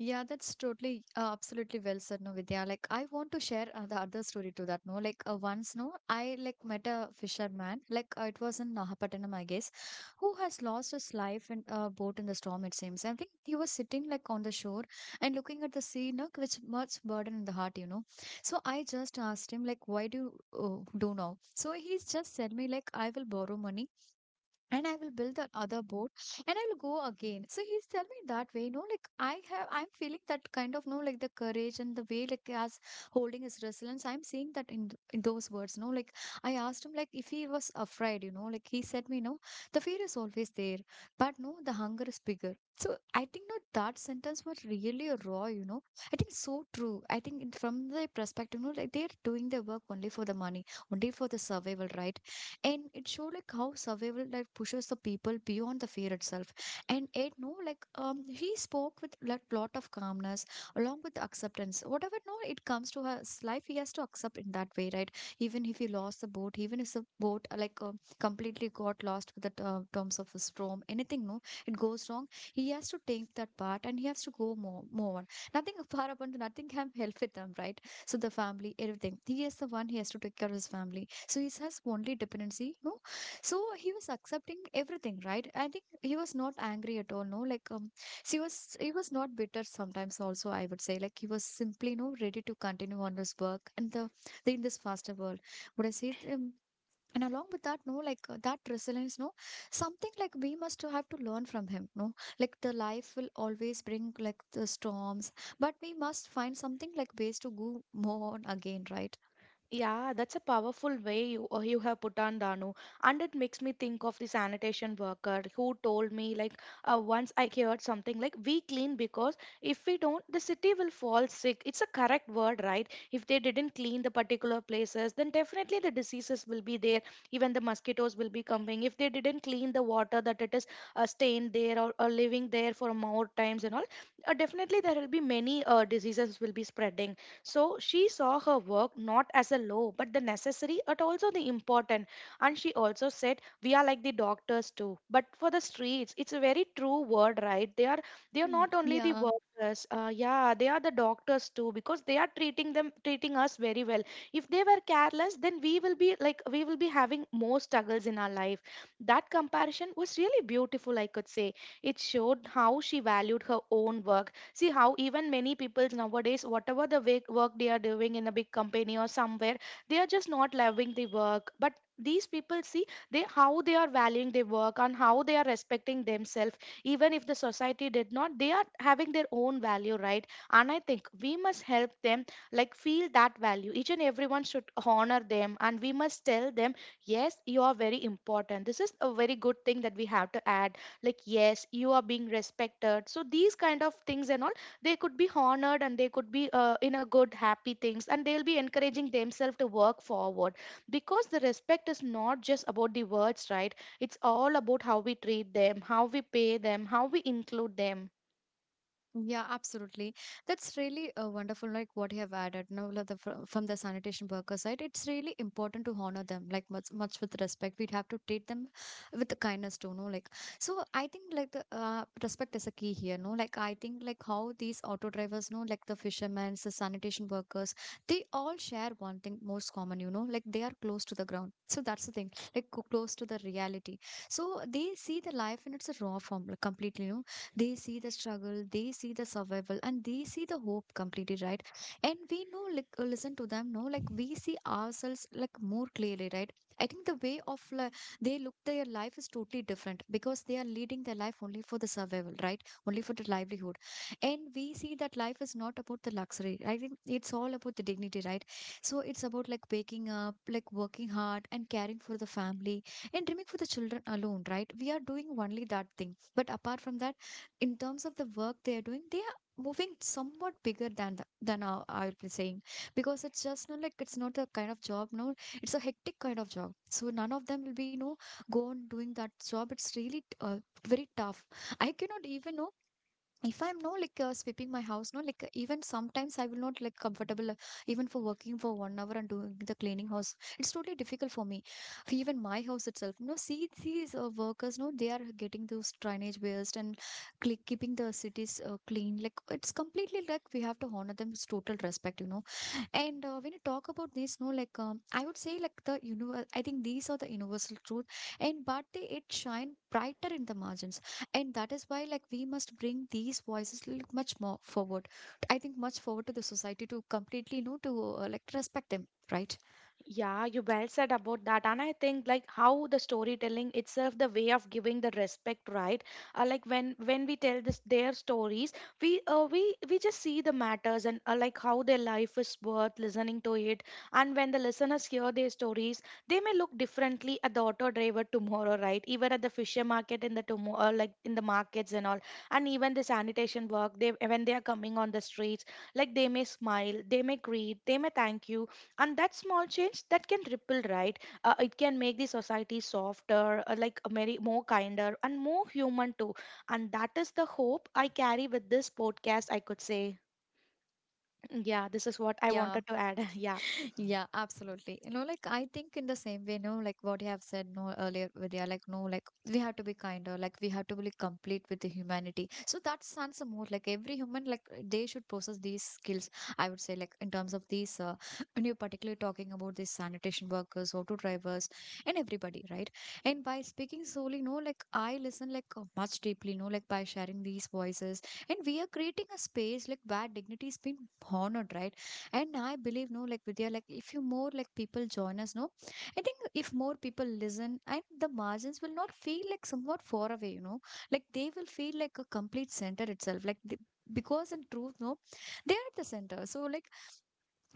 Yeah, that's totally, uh, absolutely well said, no, Vidya. Like, I want to share uh, the other story to that, no. Like, uh, once, no, I like met a fisherman, like, uh, it was in Nahapattinam, I guess, who has lost his life in a boat in the storm, it seems. I think he was sitting, like, on the shore and looking at the sea, no, which much burden in the heart, you know. So I just asked him, like, why do you uh, do now? So he just said me, like, I will borrow money and I will build that other boat and I will go again. So he's telling me that way, you know. Like I have, I'm feeling that kind of, no, like the courage and the way, like as holding his resilience. I'm seeing that in, th- in those words, no, like I asked him, like if he was afraid, you know, like he said me, no, the fear is always there, but no, the hunger is bigger. So I think no, that sentence was really raw, you know. I think so true. I think in- from the perspective, no, like they're doing their work only for the money, only for the survival, right? And it showed like how survival like pushes the people beyond the fear itself. And it no like um he spoke with like lot of calmness along with the acceptance whatever no it comes to his life, he has to accept in that way, right? Even if he lost the boat, even if the boat uh, like uh, completely got lost with the uh, terms of a storm, anything no it goes wrong, he has to take that part and he has to go more move on. Nothing far upon, nothing can help with them, right? So the family, everything, he is the one, he has to take care of his family. So it has only dependency, no? So he was accepting everything, right? I think he was not angry at all, no? Like um, he was he was not bitter sometimes also, I would say. Like he was simply, no, ready to continue on his work and the, the in this faster world. What I say um, and along with that, no, like uh, that resilience, no, something like we must have to learn from him, no, like the life will always bring like the storms, but we must find something like ways to go more on again, right?
Yeah, that's a powerful way you, uh, you have put on, Danu. And it makes me think of the sanitation worker who told me, like, uh, once I heard something like, we clean because if we don't, the city will fall sick. It's a correct word, right? If they didn't clean the particular places, then definitely the diseases will be there. Even the mosquitoes will be coming. If they didn't clean the water that it is uh, stained there or, or living there for more times and all, uh, definitely there will be many uh, diseases will be spreading, so she saw her work not as a low, but the necessary, but also the important. And she also said, "We are like the doctors too." But for the streets, it's a very true word, right? They are they are
Mm.
not only the
Yeah,
workers. Uh, yeah, they are the doctors too because they are treating them treating us very well. If they were careless, then we will be like we will be having more struggles in our life. That comparison was really beautiful, I could say. It showed how she valued her own work. See how even many people nowadays, whatever the wa- work they are doing in a big company or somewhere, they are just not loving the work. But these people see they how they are valuing their work and how they are respecting themselves. Even if the society did not, they are having their own value, right? And I think we must help them like feel that value. Each and everyone should honor them, and we must tell them, yes, you are very important. This is a very good thing that we have to add, like, yes, you are being respected, so these kind of things and all, they could be honored and they could be uh, in a good happy things and they'll be encouraging themselves to work forward, because the respect is not just about the words, right? It's all about how we treat them, how we pay them, how we include them.
yeah, absolutely. That's really uh, wonderful, like what you have added. No, like the, fr- from the sanitation worker side, it's really important to honor them, like much, much with respect. We'd have to treat them with the kindness too, no, like. So I think like the uh, respect is a key here, no, like I think like how these auto drivers, no, like the fishermen, the sanitation workers, they all share one thing most common, you know, like they are close to the ground. So that's the thing, like co- close to the reality. So they see the life in its raw form, like completely, you know, they see the struggle, they see the survival, and they see the hope completely, right? And we know like uh, listen to them, no, like we see ourselves like more clearly, right? I think the way of like they look their life is totally different because they are leading their life only for the survival, right? Only for the livelihood. And we see that life is not about the luxury, I think it's all about the dignity, right? So it's about like waking up, like working hard and caring for the family, and dreaming for the children alone, right? We are doing only that thing, but apart from that, in terms of the work they are doing, they are moving somewhat bigger than the, than our, I would be saying, because it's just not like it's not a kind of job, no, it's a hectic kind of job, so none of them will be, you know, go on doing that job. It's really uh, very tough. I cannot even know if I'm no like uh, sweeping my house, no, like uh, even sometimes I will not like comfortable uh, even for working for one hour and doing the cleaning house. It's totally difficult for me. For even my house itself, no, see these uh, workers, no, they are getting those drainage waste and cle- keeping the cities uh, clean, like it's completely like we have to honor them with total respect, you know. And uh, when you talk about this, no, like um, I would say, like the universe. I think these are the universal truth, and but they it shine brighter in the margins, and that is why like we must bring these voices like much more forward. I think much forward to the society to completely, you know, to uh, like respect them, right?
Yeah, you well said about that. And I think like how the storytelling itself, the way of giving the respect, right? Uh, like when when we tell this their stories, we uh, we we just see the matters and uh, like how their life is worth listening to it. And when the listeners hear their stories, they may look differently at the auto driver tomorrow, right? Even at the fisher market in the tomorrow, like in the markets and all, and even the sanitation work. They when they are coming on the streets, like they may smile, they may greet, they may thank you, and that small change that can ripple, right? Uh, it can make the society softer, uh, like, uh, very more kinder and more human too. And that is the hope I carry with this podcast, I could say. Mm, yeah, this is what I
Yeah,
wanted to add. Yeah.
yeah, absolutely. You know, like I think in the same way, you know, like what you have said no earlier, Vidya, like no, like we have to be kinder, like we have to be complete with the humanity. So that sounds more like every human, like they should possess these skills. I would say, like in terms of these, uh, when you're particularly talking about these sanitation workers, auto drivers, and everybody, right? And by speaking solely, no, like I listen like uh, much deeply, no, like by sharing these voices, and we are creating a space like where dignity is being honored, right? And I believe no like Vidya, like if you more like people join us, no, I think if more people listen and the margins will not feel like somewhat far away, you know, like they will feel like a complete center itself, like the, because in truth no they are at the center. So like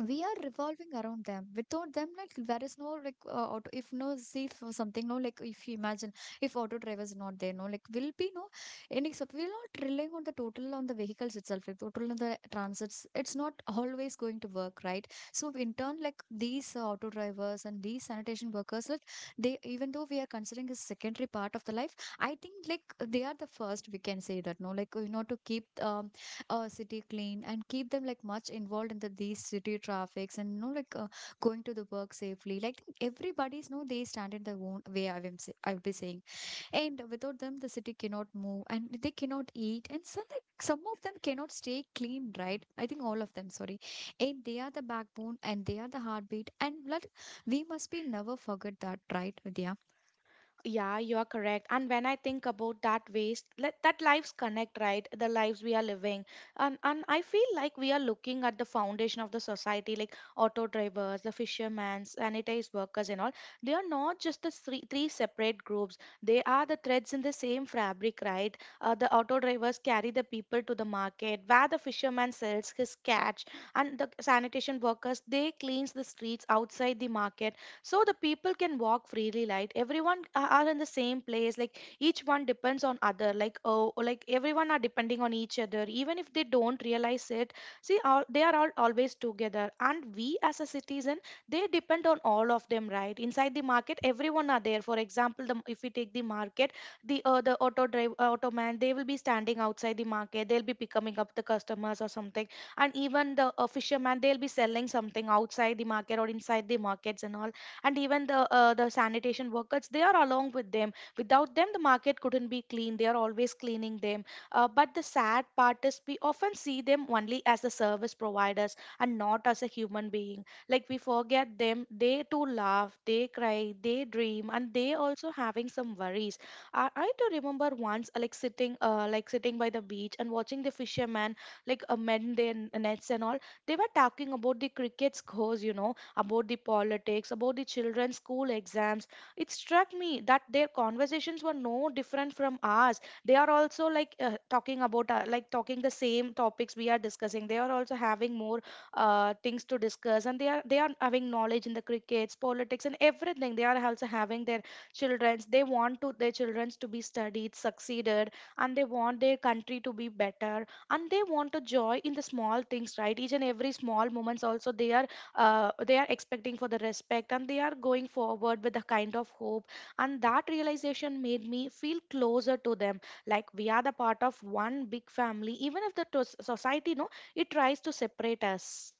we are revolving around them, without them like there is no like uh, auto, if no see if something no like if you imagine if auto drivers is not there, no, like will be no any sup we're not relying on the total on the vehicles itself, like total on the transits, it's not always going to work, right? So in turn, like these uh, auto drivers and these sanitation workers, like they even though we are considering a secondary part of the life, I think like they are the first, we can say that, no, like you know, to keep um, uh, city clean and keep them like much involved in the these city traffics, and you know, like uh, going to the work safely, like everybody's know they stand in their own way, i am say, I will be saying. And without them the city cannot move, and they cannot eat, and some like, some of them cannot stay clean, right? I think all of them sorry. And they are the backbone, and they are the heartbeat and blood. We must be never forget that, right, Vidya?
Yeah, you are correct. And when I think about that waste, let that lives connect, right? The lives we are living. And and I feel like we are looking at the foundation of the society, like auto drivers, the fishermen, sanitized workers and all. They are not just the three three separate groups. They are the threads in the same fabric, right? Uh, the auto drivers carry the people to the market where the fisherman sells his catch, and the sanitation workers they cleans the streets outside the market, so the people can walk freely, like everyone a- are in the same place, like each one depends on other, like oh, or like everyone are depending on each other, even if they don't realize it. See all, they are all always together, and we as a citizen, they depend on all of them, right? Inside the market everyone are there, for example the, if we take the market, the uh, the auto drive uh, auto man, they will be standing outside the market, they'll be picking up the customers or something. And even the uh, fisherman, they'll be selling something outside the market or inside the markets and all. And even the uh, the sanitation workers, they are along with them. Without them the market couldn't be clean, they are always cleaning them. Uh, but the sad part is we often see them only as the service providers and not as a human being, like we forget them. They too laugh, they cry, they dream, and they also having some worries. i, I do remember once uh, like sitting uh, like sitting by the beach and watching the fishermen like uh, mend their n- nets and all. They were talking about the crickets, scores, you know, about the politics, about the children's school exams. It struck me that their conversations were no different from ours. They are also like uh, talking about, uh, like talking the same topics we are discussing. They are also having more uh, things to discuss, and they are they are having knowledge in the crickets, politics, and everything. They are also having their childrens. They want to their childrens to be studied, succeeded, and they want their country to be better, and they want a joy in the small things, right? Each and every small moments also they are uh, they are expecting for the respect, and they are going forward with a kind of hope. And that realization made me feel closer to them, like we are the part of one big family, even if the to- society no, it tries to separate us.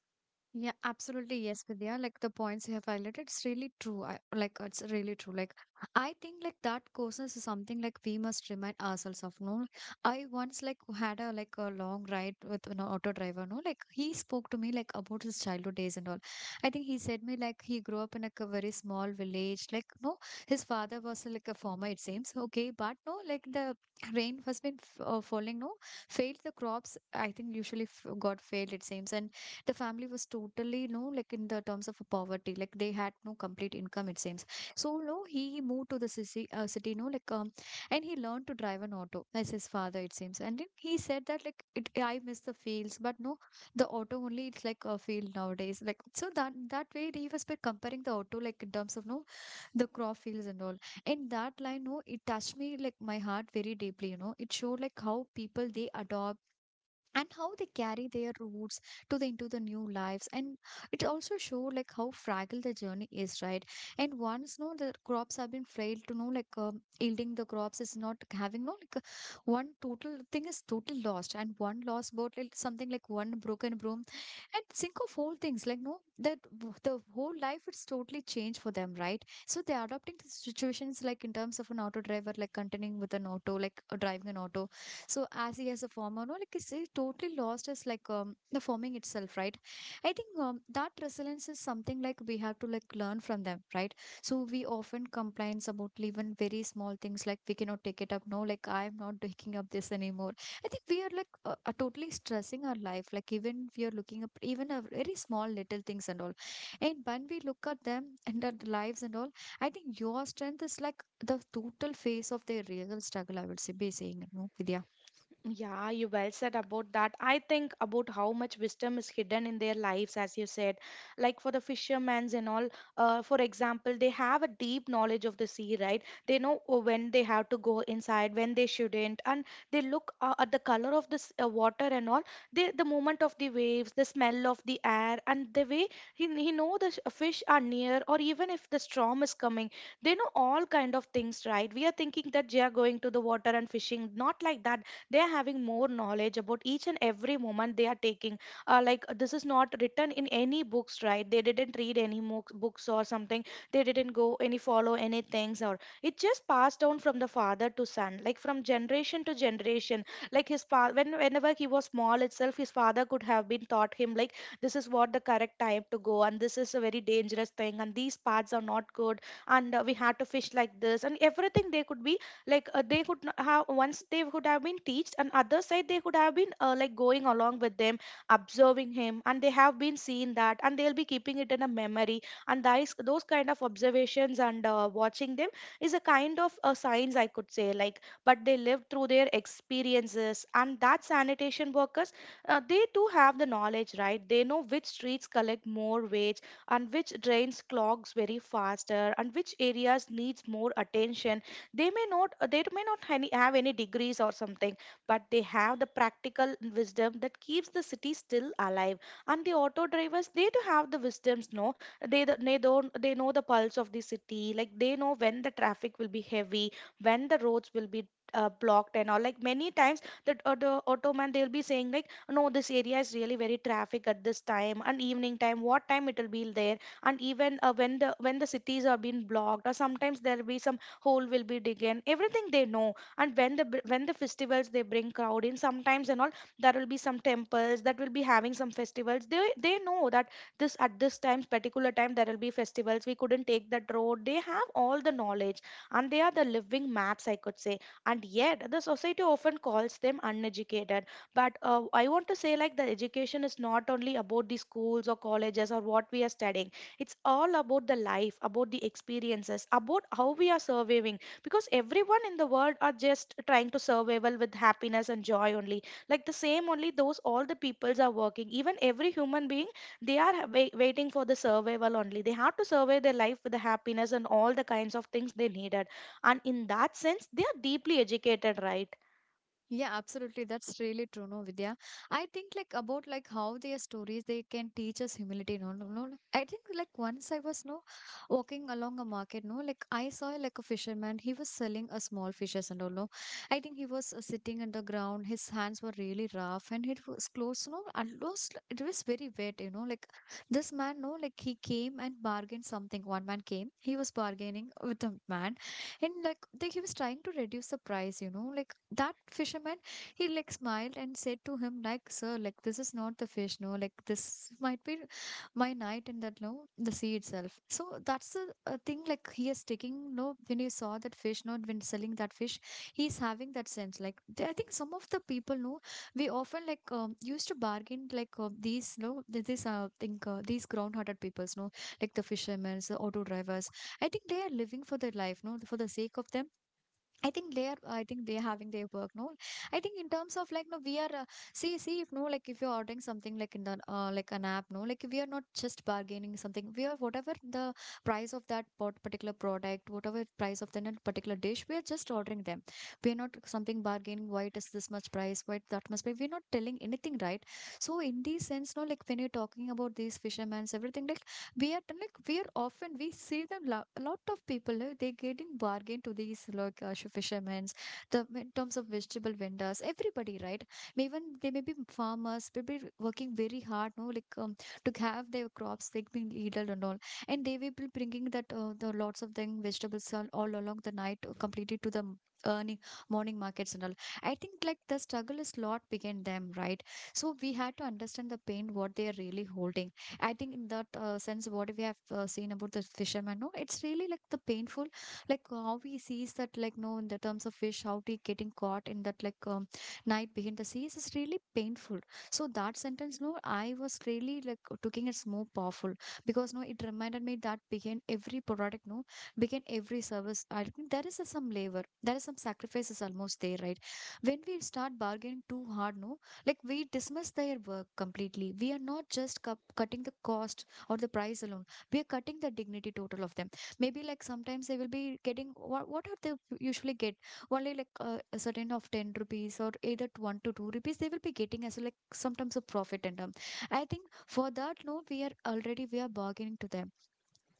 Yeah, absolutely. Yes, Vidya. Like the points you have highlighted, it's really true. I, like it's really true. Like I think like that coarseness is something like we must remind ourselves of. No, I once like had a like a long ride with an auto driver. No, like he spoke to me like about his childhood days and all. I think he said me like he grew up in like a very small village. Like no, his father was like a farmer. It seems okay, but no, like the rain has been f- uh, falling. No, failed the crops. I think usually f- got failed, it seems. And the family was totally no like in the terms of poverty, like they had no complete income it seems. So no, he moved to the city uh, city no like um, and he learned to drive an auto as his father, it seems. And then he said that like it, I miss the fields, but no, the auto only it's like a field nowadays, like so that that way he was by comparing the auto like in terms of no the crop fields and all. And that line no it touched me like my heart very deeply, you know. It showed like how people they adopt and how they carry their roots to the into the new lives. And it also showed like how fragile the journey is, right? And once no the crops have been frail to know, like um, yielding the crops is not having no like uh, one total thing is totally lost, and one lost boat like something like one broken broom, and think of whole things like no that w- the whole life it's totally changed for them, right? So they're adopting to situations, like in terms of an auto driver like continuing with an auto, like uh, driving an auto. So as he has a former, no, like he's uh, totally lost his like um, the forming itself, right? I think um, that resilience is something like we have to like learn from them, right? So we often complains about even very small things, like we cannot take it up. No, like I'm not taking up this anymore. I think we are like uh, uh, totally stressing our life. Like even we are looking up even a very small little things and all. And when we look at them and at the lives and all, I think your strength is like the total face of their real struggle. I would say, be saying, no, Vidya.
Yeah, you well said about that. I think about how much wisdom is hidden in their lives, as you said. Like for the fishermen and all, uh, for example, they have a deep knowledge of the sea, right? They know uh, when they have to go inside, when they shouldn't, and they look uh, at the color of this uh, water and all. They, the movement of the waves, the smell of the air, and the way he, he know the sh- fish are near, or even if the storm is coming, they know all kind of things, right? We are thinking that they are going to the water and fishing, not like that. They are having more knowledge about each and every moment they are taking. Uh, like, this is not written in any books, right? They didn't read any mo- books or something. They didn't go any follow any things, or it just passed down from the father to son, like from generation to generation. Like his father, when whenever he was small itself, his father could have been taught him like, this is what the correct time to go, and this is a very dangerous thing, and these paths are not good, and uh, we had to fish like this, and everything they could be, like, uh, they could not have once, they could have been teached, and other side they could have been uh, like going along with them, observing him, and they have been seeing that, and they'll be keeping it in a memory. And those those kind of observations and uh, watching them is a kind of a science, I could say, like. But they live through their experiences. And that sanitation workers, uh, they too have the knowledge, right? They know which streets collect more waste, and which drains clogs very faster, and which areas needs more attention. They may not uh, they may not any- have any degrees or something, but they have the practical wisdom that keeps the city still alive. And the auto drivers, they do have the wisdoms no, they th- they don't they know the pulse of the city, like they know when the traffic will be heavy, when the roads will be uh, blocked and all. Like many times that uh, the auto man, they'll be saying like, no, this area is really very traffic at this time, and evening time, what time it will be there, and even uh, when the when the cities are being blocked, or sometimes there'll be some hole will be digged. Everything they know, and when the b- when the festivals they bring crowd in sometimes and all, there will be some temples that will be having some festivals, they they know that this at this time particular time there will be festivals, we couldn't take that road. They have all the knowledge, and they are the living maps, I could say. And yet the society often calls them uneducated. But uh, I want to say like the education is not only about the schools or colleges or what we are studying. It's all about the life, about the experiences, about how we are surviving, because everyone in the world are just trying to survival with happiness and joy only. Like the same only, those all the peoples are working, even every human being, they are ha- wai- waiting for the survival only, they have to survive their life with the happiness and all the kinds of things they needed. And in that sense, they are deeply educated, right?
Yeah, absolutely. That's really true, no, Vidya. I think like about like how their stories they can teach us humility, no, no, no. no. I think like once I was no walking along a market, no, like I saw like a fisherman. He was selling a small fishes and all, no. I think he was uh, sitting on the ground. His hands were really rough, and it was close, no, almost it was very wet, you know. Like this man, no, like he came and bargained something. One man came. He was bargaining with a man and like they, he was trying to reduce the price, you know, like that fisherman, he like smiled and said to him like, sir, like this is not the fish, no, like this might be my night in that, no, the sea itself. So that's the uh, thing like he is taking, no, when he saw that fish, not when selling that fish, he's having that sense like they, I think some of the people, no, we often like um, used to bargain like uh, these no th- these uh, think uh, these ground hearted peoples, no, like the fishermen, the auto drivers. I think they are living for their life, no, for the sake of them. I think they are. I think they are having their work, no. I think in terms of like, no, we are. Uh, see, see, if no, like, if you're ordering something like in the uh, like an app, no, like we are not just bargaining something. We are whatever the price of that pot- particular product, whatever price of that particular dish, we are just ordering them. We are not something bargaining. Why it is this much price? Why it that much price? We're not telling anything, right? So in this sense, no, like when you're talking about these fishermen, everything like we are like we are often we see them lo- a lot of people uh, they get in bargain to these like uh, fishermen, the in terms of vegetable vendors, everybody, right? May even they may be farmers, may be working very hard, no, like um, to have their crops they being eaten and all, and they will be bringing that uh, the lots of thing vegetables all, all along the night uh, completely to the m- earning, morning markets and all. I think like the struggle is lot began them, right? So we had to understand the pain what they are really holding. I think in that uh, sense, what we have uh, seen about the fisherman, no, it's really like the painful, like how he sees that, like no, in the terms of fish, how he getting caught in that like um, night behind the seas is really painful. So that sentence, no, I was really like taking it's more powerful because no, it reminded me that behind every product, no, behind every service, I think there is a, some labor, there is some sacrifices almost there, right? When we start bargaining too hard, no, like we dismiss their work completely. We are not just cu- cutting the cost or the price alone. We are cutting the dignity total of them. Maybe like sometimes they will be getting what what are they usually get only like uh, a certain of ten rupees or either t- one to two rupees they will be getting as like sometimes a profit and um. I think for that, no, we are already we are bargaining to them.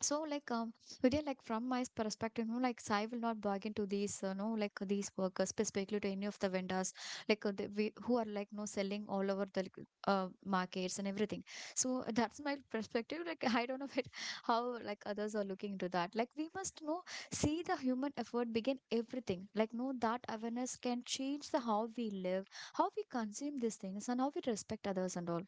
So like um, Vidya, like from my perspective, you know, like Sai will not bargain to these, uh, no, like these workers, specifically to any of the vendors, like uh, the, we, who are like no selling all over the like, uh, markets and everything. So that's my perspective. Like I don't know if it, how like others are looking into that. Like we must know, see the human effort begin everything. Like no, that awareness can change the how we live, how we consume these things, and how we respect others and all.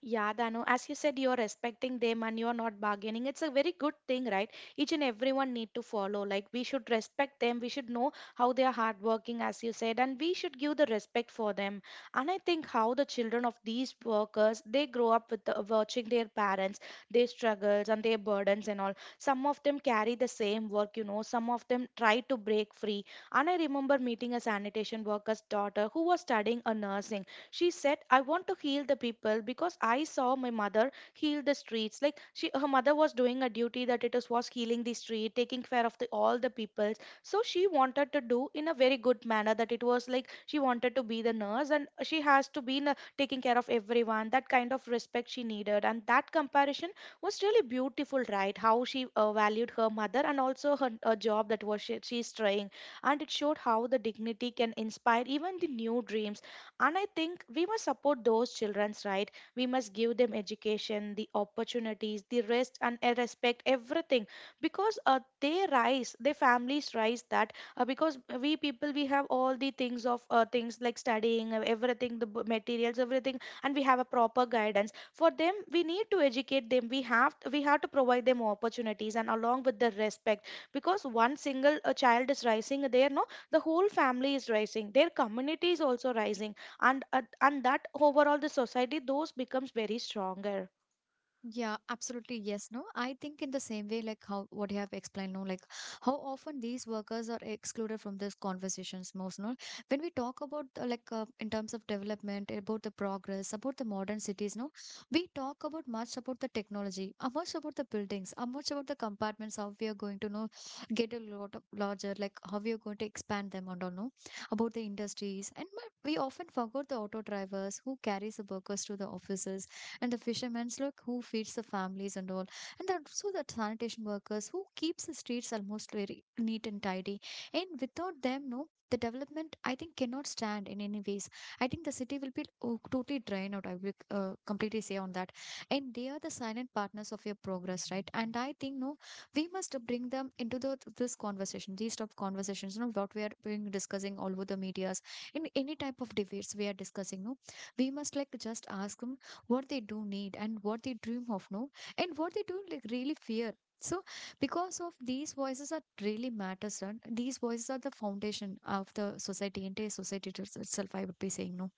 Yeah, Danu, as you said, you're respecting them and you're not bargaining. It's a very good thing, right? Each and everyone need to follow. Like we should respect them. We should know how they are hardworking, as you said, and we should give the respect for them. And I think how the children of these workers, they grow up with the, watching their parents, their struggles and their burdens and all. Some of them carry the same work, you know. Some of them try to break free. And I remember meeting a sanitation worker's daughter who was studying a nursing. She said, I want to heal the people because I saw my mother heal the streets. Like she her mother was doing a duty that it is was healing the street, taking care of the all the people. So she wanted to do in a very good manner that it was like she wanted to be the nurse and she has to be in a, taking care of everyone. That kind of respect she needed. And that comparison was really beautiful, right? How she uh, valued her mother and also her, her job that was she, she's trying. And it showed how the dignity can inspire even the new dreams. And I think we must support those children's right. We must give them education, the opportunities, the rest and a respect, everything. Because uh, they rise, their families rise that uh, because we people we have all the things of uh, things like studying, uh, everything, the b- materials, everything, and we have a proper guidance. For them, we need to educate them. We have we have to provide them opportunities and along with the respect. Because one single uh, child is rising there, no, the whole family is rising. Their community is also rising, and uh, and that overall the society those becomes very stronger.
Yeah, absolutely. Yes, no. I think in the same way, like how what you have explained, no, like how often these workers are excluded from these conversations most, no. When we talk about uh, like uh, in terms of development, about the progress, about the modern cities, no, we talk about much about the technology, uh, much about the buildings, uh, much about the compartments, how we are going to know get a lot of larger, like how we are going to expand them and all, no, about the industries, and but we often forgot the auto drivers who carries the workers to the offices, and the fishermen's look who feeds the families and all, and that also the sanitation workers who keeps the streets almost very neat and tidy. And without them, no, the development I think cannot stand in any ways. I think the city will be, oh, totally drained out, I will uh, completely say on that. And they are the silent partners of your progress, right? And I think, no, we must bring them into the this conversation, these type of conversations, you know, what we are being discussing all over the medias, in any type of debates we are discussing, no, we must like just ask them what they do need and what they dream of, no, and what they do like really fear. So because of these voices that really matters, and these voices are the foundation of the society, entire society it- itself, I would be saying, no.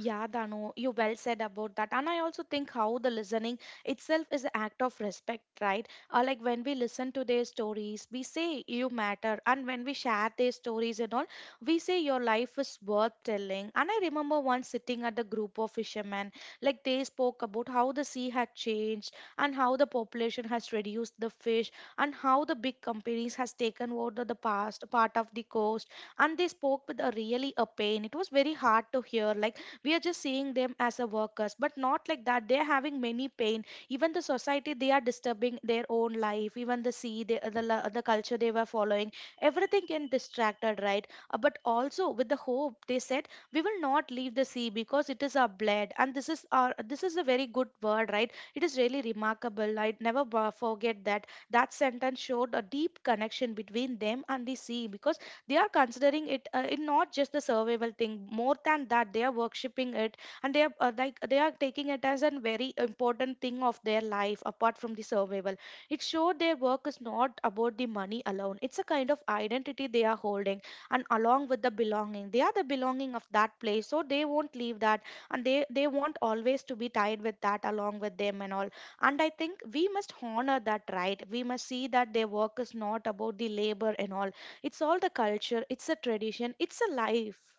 Yeah, Dano, you well said about that. And I also think how the listening itself is an act of respect, right? Uh, like when we listen to their stories, we say you matter. And when we share their stories and all, we say your life is worth telling. And I remember once sitting at the group of fishermen, like they spoke about how the sea had changed and how the population has reduced the fish and how the big companies has taken over the past part of the coast. And they spoke with a really a pain. It was very hard to hear. Like we are just seeing them as a workers but not like that they're having many pain, even the society they are disturbing their own life, even the sea the the, la- the culture they were following, everything can distracted, right? Uh, but also with the hope they said, we will not leave the sea because it is our blood and this is our this is a very good word, right? It is really remarkable. I never bo- forget that. That sentence showed a deep connection between them and the sea because they are considering it uh, in not just the survival thing, more than that they are worshipping it. And they are uh, like they are taking it as a very important thing of their life apart from the survival. It showed their work is not about the money alone, it's a kind of identity they are holding. And along with the belonging, they are the belonging of that place, so they won't leave that. And they they want always to be tied with that along with them and all. And I think we must honor that, right? We must see that their work is not about the labor and all. It's all the culture, it's a tradition, it's a life.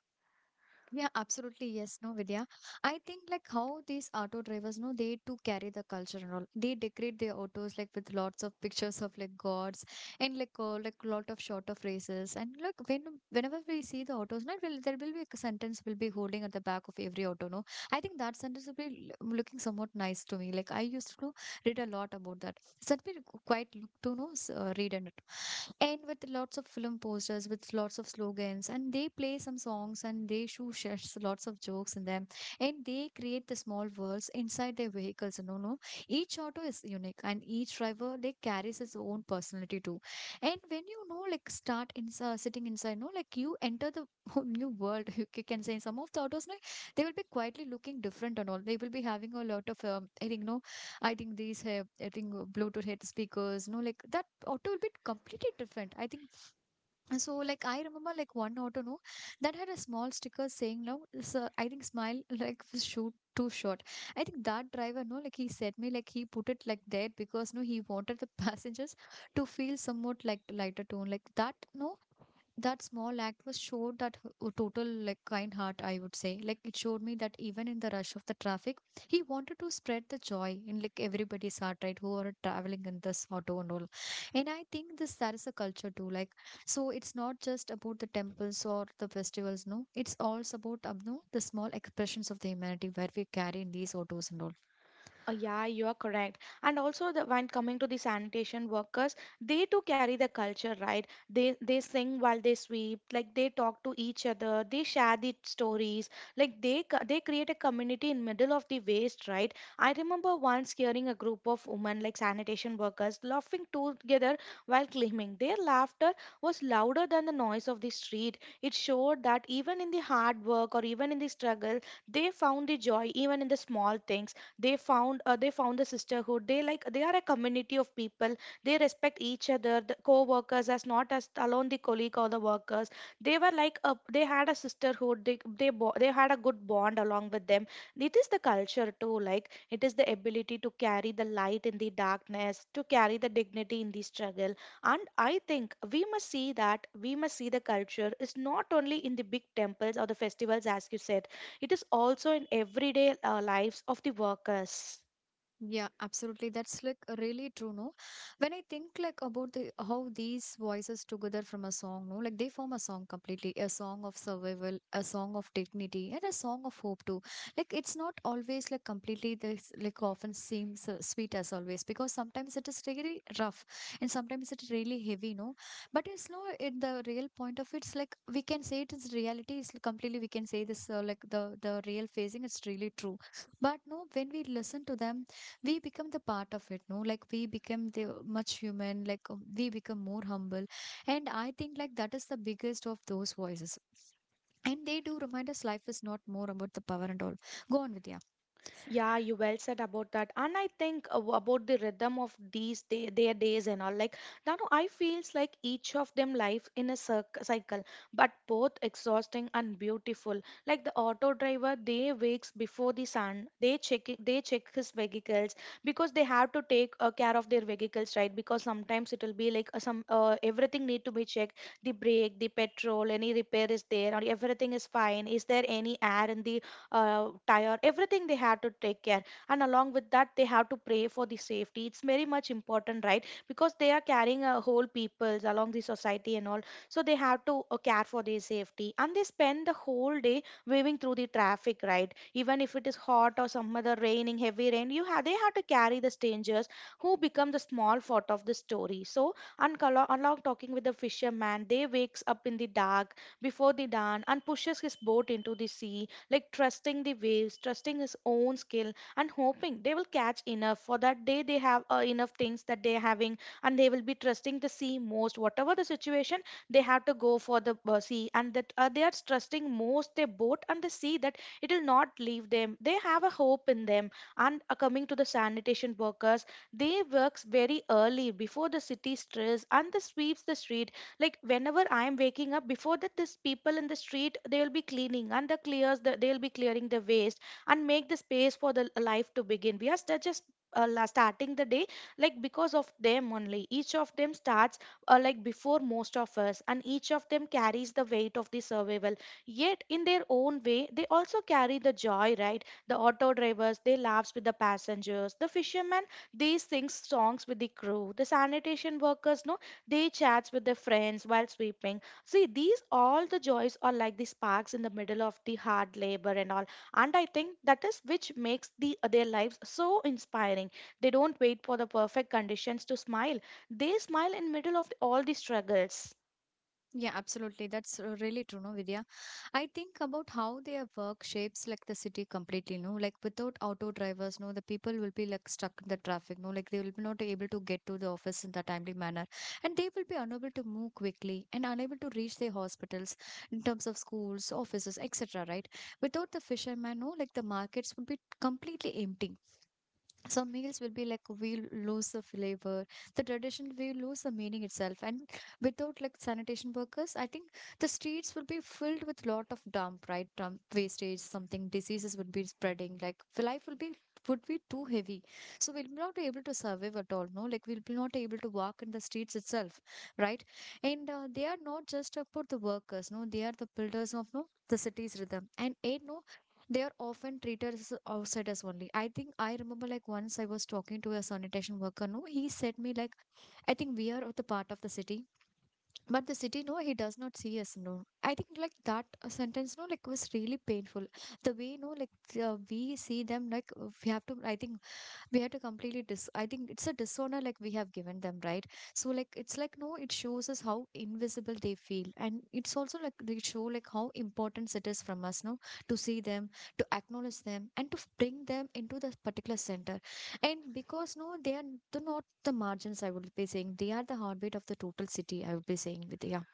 Yeah, absolutely. Yes, no, Vidya. I think like how these auto drivers, no, they too carry the culture and all. They decorate their autos like with lots of pictures of like gods, and like uh, like lot of short phrases. And like when whenever we see the autos, no, it will there will be a sentence will be holding at the back of every auto. No, I think that sentence will be l- looking somewhat nice to me. Like I used to read a lot about that. So that will quite look to know s- uh, read, and end with lots of film posters with lots of slogans, and they play some songs and they show shares lots of jokes in them, and they create the small worlds inside their vehicles. No, no each auto is unique and each driver they carries his own personality too. And when you know like start in uh, sitting inside, no, like you enter the whole new world, you ca- can say. Some of the autos like they will be quietly looking different and all. They will be having a lot of um, I think no, I think these have, I think uh, Bluetooth head speakers, no, like that auto will be completely different. I think so. Like I remember like one auto no that had a small sticker saying no. Sir, I think smile like was shoot too short. I think that driver no like he said me like he put it like that because no he wanted the passengers to feel somewhat like lighter tone like that no. That small act was showed that h- uh, total like kind heart, I would say. Like it showed me that even in the rush of the traffic, he wanted to spread the joy in like everybody's heart, right, who are traveling in this auto and all. And I think this that is a culture too, like. So it's not just about the temples or the festivals, no, it's also about um, no, the small expressions of the humanity where we carry in these autos and all.
Uh, yeah, you are correct. And also, the, when coming to the sanitation workers, they too carry the culture, right? They they sing while they sweep, like they talk to each other, they share the stories, like they c- they create a community in middle of the waste, right? I remember once hearing a group of women, like sanitation workers, laughing together while cleaning. Their laughter was louder than the noise of the street. It showed that even in the hard work or even in the struggle, they found the joy even in the small things. They found uh, they found the sisterhood. They like they are a community of people. They respect each other, the co-workers, as not as alone the colleague or the workers. They were like a, they had a sisterhood. They they, bo- they had a good bond along with them. It is the culture too, like it is the ability to carry the light in the darkness, to carry the dignity in the struggle. And I think we must see that. We must see the culture is not only in the big temples or the festivals, as you said. It is also in everyday uh, lives of the workers.
Yeah, absolutely. That's like really true, no? When I think like about the how these voices together from a song, no, like they form a song completely, a song of survival, a song of dignity, and a song of hope too. Like it's not always like completely this like often seems uh, sweet as always, because sometimes it is really rough and sometimes it's really heavy, no? But it's no in the real point of it's like we can say it is reality is completely we can say this uh, like the the real phasing. It's really true. But no, when we listen to them, we become the part of it, no, like we become the much human, like uh, we become more humble. And I think like that is the biggest of those voices. And they do remind us life is not more about the power and all, go on with.
Yeah, you well said about that. And I think uh, about the rhythm of these day, their days and all. Like, now I feels like each of them life in a cir- cycle, but both exhausting and beautiful. Like the auto driver, they wakes before the sun. They check it- they check his vehicles because they have to take uh, care of their vehicles, right? Because sometimes it will be like uh, some uh, everything need to be checked. The brake, the petrol, any repair is there, or everything is fine. Is there any air in the uh, tire, everything they have to take care. And along with that, they have to pray for the safety. It's very much important, right? Because they are carrying a whole peoples along the society and all. So they have to uh, care for their safety. And they spend the whole day waving through the traffic, right? Even if it is hot or some other raining, heavy rain, you have they have to carry the strangers who become the small part of the story. So and Kala- along talking with the fisherman, they wakes up in the dark before the dawn and pushes his boat into the sea, like trusting the waves, trusting his own skill, and hoping they will catch enough for that day. They have uh, enough things that they're having, and they will be trusting the sea most. Whatever the situation, they have to go for the uh, sea, and that uh, they are trusting most their boat and the sea that it will not leave them. They have a hope in them. And uh, coming to the sanitation workers, they works very early before the city stress and the sweeps the street. Like whenever I am waking up, before that these people in the street they will be cleaning and the clears the, they'll be clearing the waste and make the space for the life to begin. We are st- just uh, la- starting the day. Like because of them only, each of them starts uh, like before most of us, and each of them carries the weight of the survival. Yet in their own way, they also carry the joy, right? The auto drivers, they laughs with the passengers. The fishermen, they sing songs with the crew. The sanitation workers, no, day chats with their friends while sweeping. See, these all the joys are like the sparks in the middle of the hard labor and all. And I think that is which makes the their lives so inspiring. They don't wait for the perfect conditions to smile. They smile in middle of all the struggles.
Yeah, absolutely. That's uh, really true, no, Vidya. I think about how their work shapes like the city completely, no. Like without auto drivers, no, the people will be like stuck in the traffic, no. Like they will be not able to get to the office in the timely manner, and they will be unable to move quickly and unable to reach their hospitals in terms of schools, offices, et cetera. Right? Without the fishermen, no, like the markets would be completely empty, some meals will be like we lose the flavor, the tradition we lose the meaning itself. And without like sanitation workers I think the streets will be filled with lot of dump, right, dump wastage something, diseases would be spreading like life will be would be too heavy. So we'll not be able to survive at all, no, like we'll be not able to walk in the streets itself, right? And uh, they are not just about the workers, no, they are the builders of no the city's rhythm and eh, no they are often treated as outsiders only. I think I remember like once I was talking to a sanitation worker, no, he said me like, I think we are of the part of the city, but the city, no, he does not see us, no. I think like that uh, sentence, no, like was really painful. The way, no, like uh, we see them, like uh, we have to, I think we have to completely dis I think it's a dishonor like we have given them, right? So like it's like no it shows us how invisible they feel, and it's also like they show like how important it is from us, no, to see them, to acknowledge them, and to f- bring them into the particular center. And because no they are the, not the margins I would be saying, they are the heartbeat of the total city I would be saying with, yeah.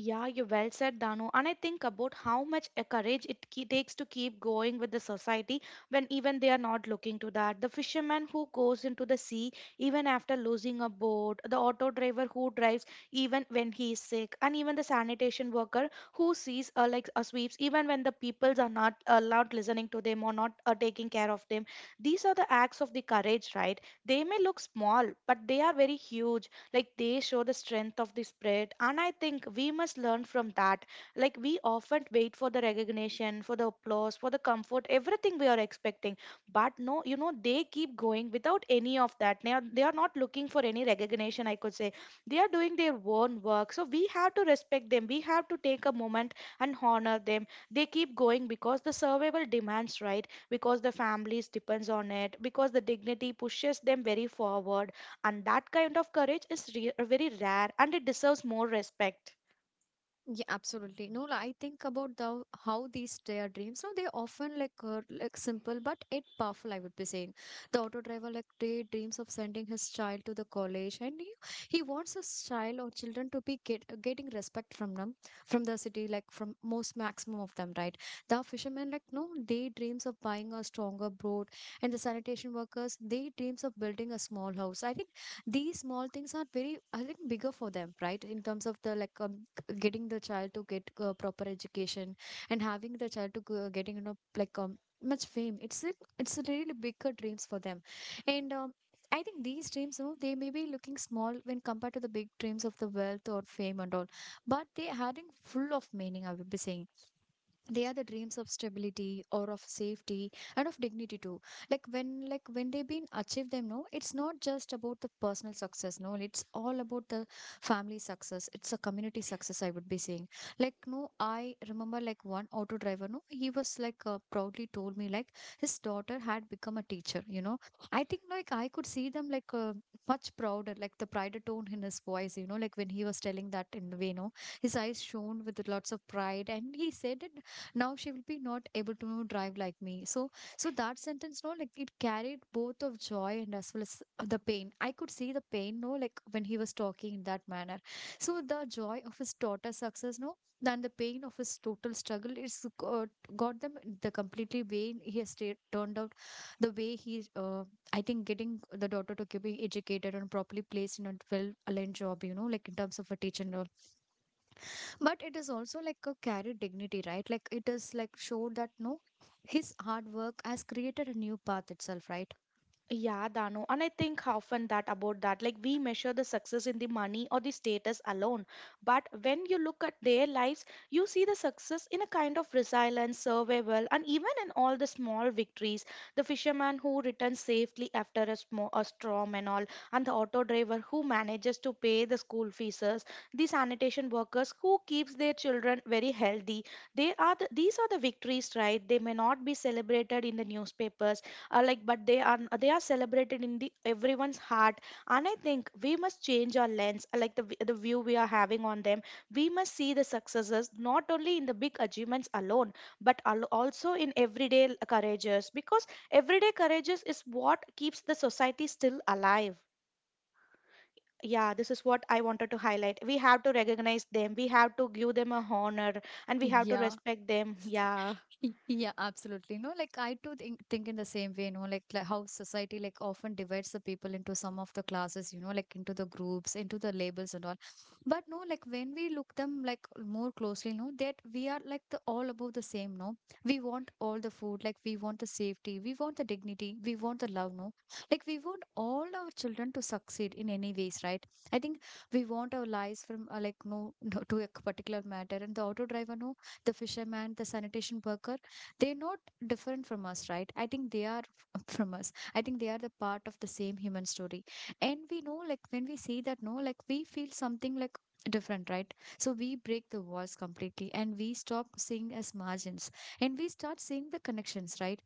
Yeah, you well said, Danu. And I think about how much uh, courage it ke- takes to keep going with the society when even they are not looking to that. The fisherman who goes into the sea even after losing a boat, the auto driver who drives even when he is sick, and even the sanitation worker who sees uh, like uh, sweeps even when the peoples are not allowed listening to them or not uh, taking care of them. These are the acts of the courage, right? They may look small, but they are very huge. Like they show the strength of the spread, and I think we must learn from that. Like we often wait for the recognition, for the applause, for the comfort, everything we are expecting. But no, you know, they keep going without any of that. They are, they are not looking for any recognition, I could say. They are doing their own work. So we have to respect them, we have to take a moment and honor them. They keep going because the survival demands, right? Because the families depends on it, because the dignity pushes them very forward. And that kind of courage is re- very rare, and it deserves more respect.
Yeah, absolutely. No, like, I think about the how these their dreams. No, they often like uh, like simple, but it powerful. I would be saying the auto driver like they dreams of sending his child to the college, and he, he wants his child or children to be get, getting respect from them, from the city, like from most maximum of them, right? The fishermen like no, they dreams of buying a stronger boat, and the sanitation workers they dreams of building a small house. I think these small things are very, I think, bigger for them, right? In terms of the like um, getting the child to get a proper education and having the child to go, getting you know like um, much fame, it's a, it's a really bigger dreams for them. And um, I think these dreams, you know, they may be looking small when compared to the big dreams of the wealth or fame and all, but they are having full of meaning I would be saying. They are the dreams of stability or of safety and of dignity too. Like when like when they've been achieved them, no, it's not just about the personal success, no, it's all about the family success, it's a community success I would be saying. Like no I remember like one auto driver, no, he was like uh, proudly told me like his daughter had become a teacher, you know. I think like I could see them like uh, much prouder, like the pride tone in his voice, you know, like when he was telling that in the way, no, his eyes shone with lots of pride and he said it, now she will be not able to drive like me. So so that sentence, no, like it carried both of joy and as well as the pain. I could see the pain, no, like when he was talking in that manner. So the joy of his daughter's success, no, and the pain of his total struggle is got, got them, the completely way he has ta- turned out, the way he uh, I think getting the daughter to be educated and properly placed in a well aligned job, you know, like in terms of a teacher and all. But it is also like a carried dignity, right? Like it is like showed that no his hard work has created a new path itself, right?
Yeah, Dano. And I think often that about that, like we measure the success in the money or the status alone. But when you look at their lives, you see the success in a kind of resilience, survival, and even in all the small victories. The fisherman who returns safely after a, sm- a storm and all, and the auto driver who manages to pay the school fees, the sanitation workers who keeps their children very healthy. They are the, these are the victories, right? They may not be celebrated in the newspapers, uh, like but they are they are celebrated in the everyone's heart. And I think we must change our lens, uh, like the, v- the view we are having on them. We must see the successes not only in the big achievements alone, but al- also in everyday l- courageous, because everyday courageous is what keeps the society still alive. Yeah, this is what I wanted to highlight. We have to recognize them, we have to give them a honor, and we have to
Yeah,
respect them. Yeah,
Y- Yeah, absolutely. No, like I too think think in the same way, you know, like, like how society like often divides the people into some of the classes, you know, like into the groups, into the labels and all. But no, like when we look them like more closely, no, that we are like the all about the same, no. We want all the food, like we want the safety, we want the dignity, we want the love, no. Like we want all our children to succeed in any ways, right? I think we want our lives from uh, like no, no to a particular matter, and the auto driver, no, the fisherman, the sanitation worker, they're not different from us, right? I think they are f- from us. I think they are the part of the same human story. And we know, like, when we see that, no, like, we feel something like different, right? So we break the walls completely and we stop seeing as margins and we start seeing the connections, right?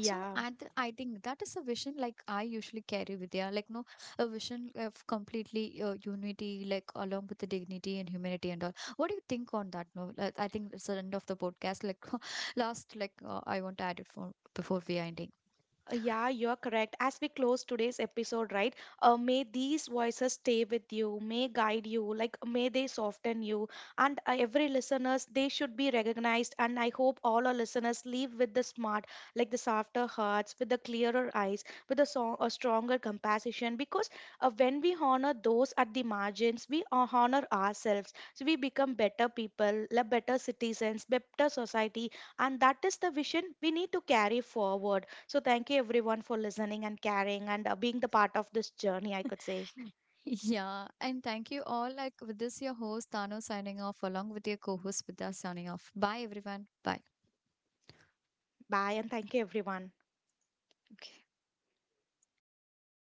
So at the, I think that is a vision like I usually carry with, yeah, like no a vision of completely uh, unity like along with the dignity and humanity and all. What do you think on that? No, like, I think it's the end of the podcast. Like last like uh, I want to add it for before we are ending.
Uh, Yeah, you're correct. As we close today's episode, right? Uh, may these voices stay with you, may guide you, like may they soften you. And uh, every listeners, they should be recognized. And I hope all our listeners leave with the smart, like the softer hearts, with the clearer eyes, with a, so- a stronger compassion. Because uh, when we honor those at the margins, we uh, honor ourselves. So we become better people, la better citizens, better society, and that is the vision we need to carry forward. So, thank you everyone for listening and caring and uh, being the part of this journey, I could say.
Yeah, and thank you all. Like with this, your host Tano signing off along with your co-host Vidya signing off. Bye everyone. Bye.
Bye, and thank you everyone.
Okay.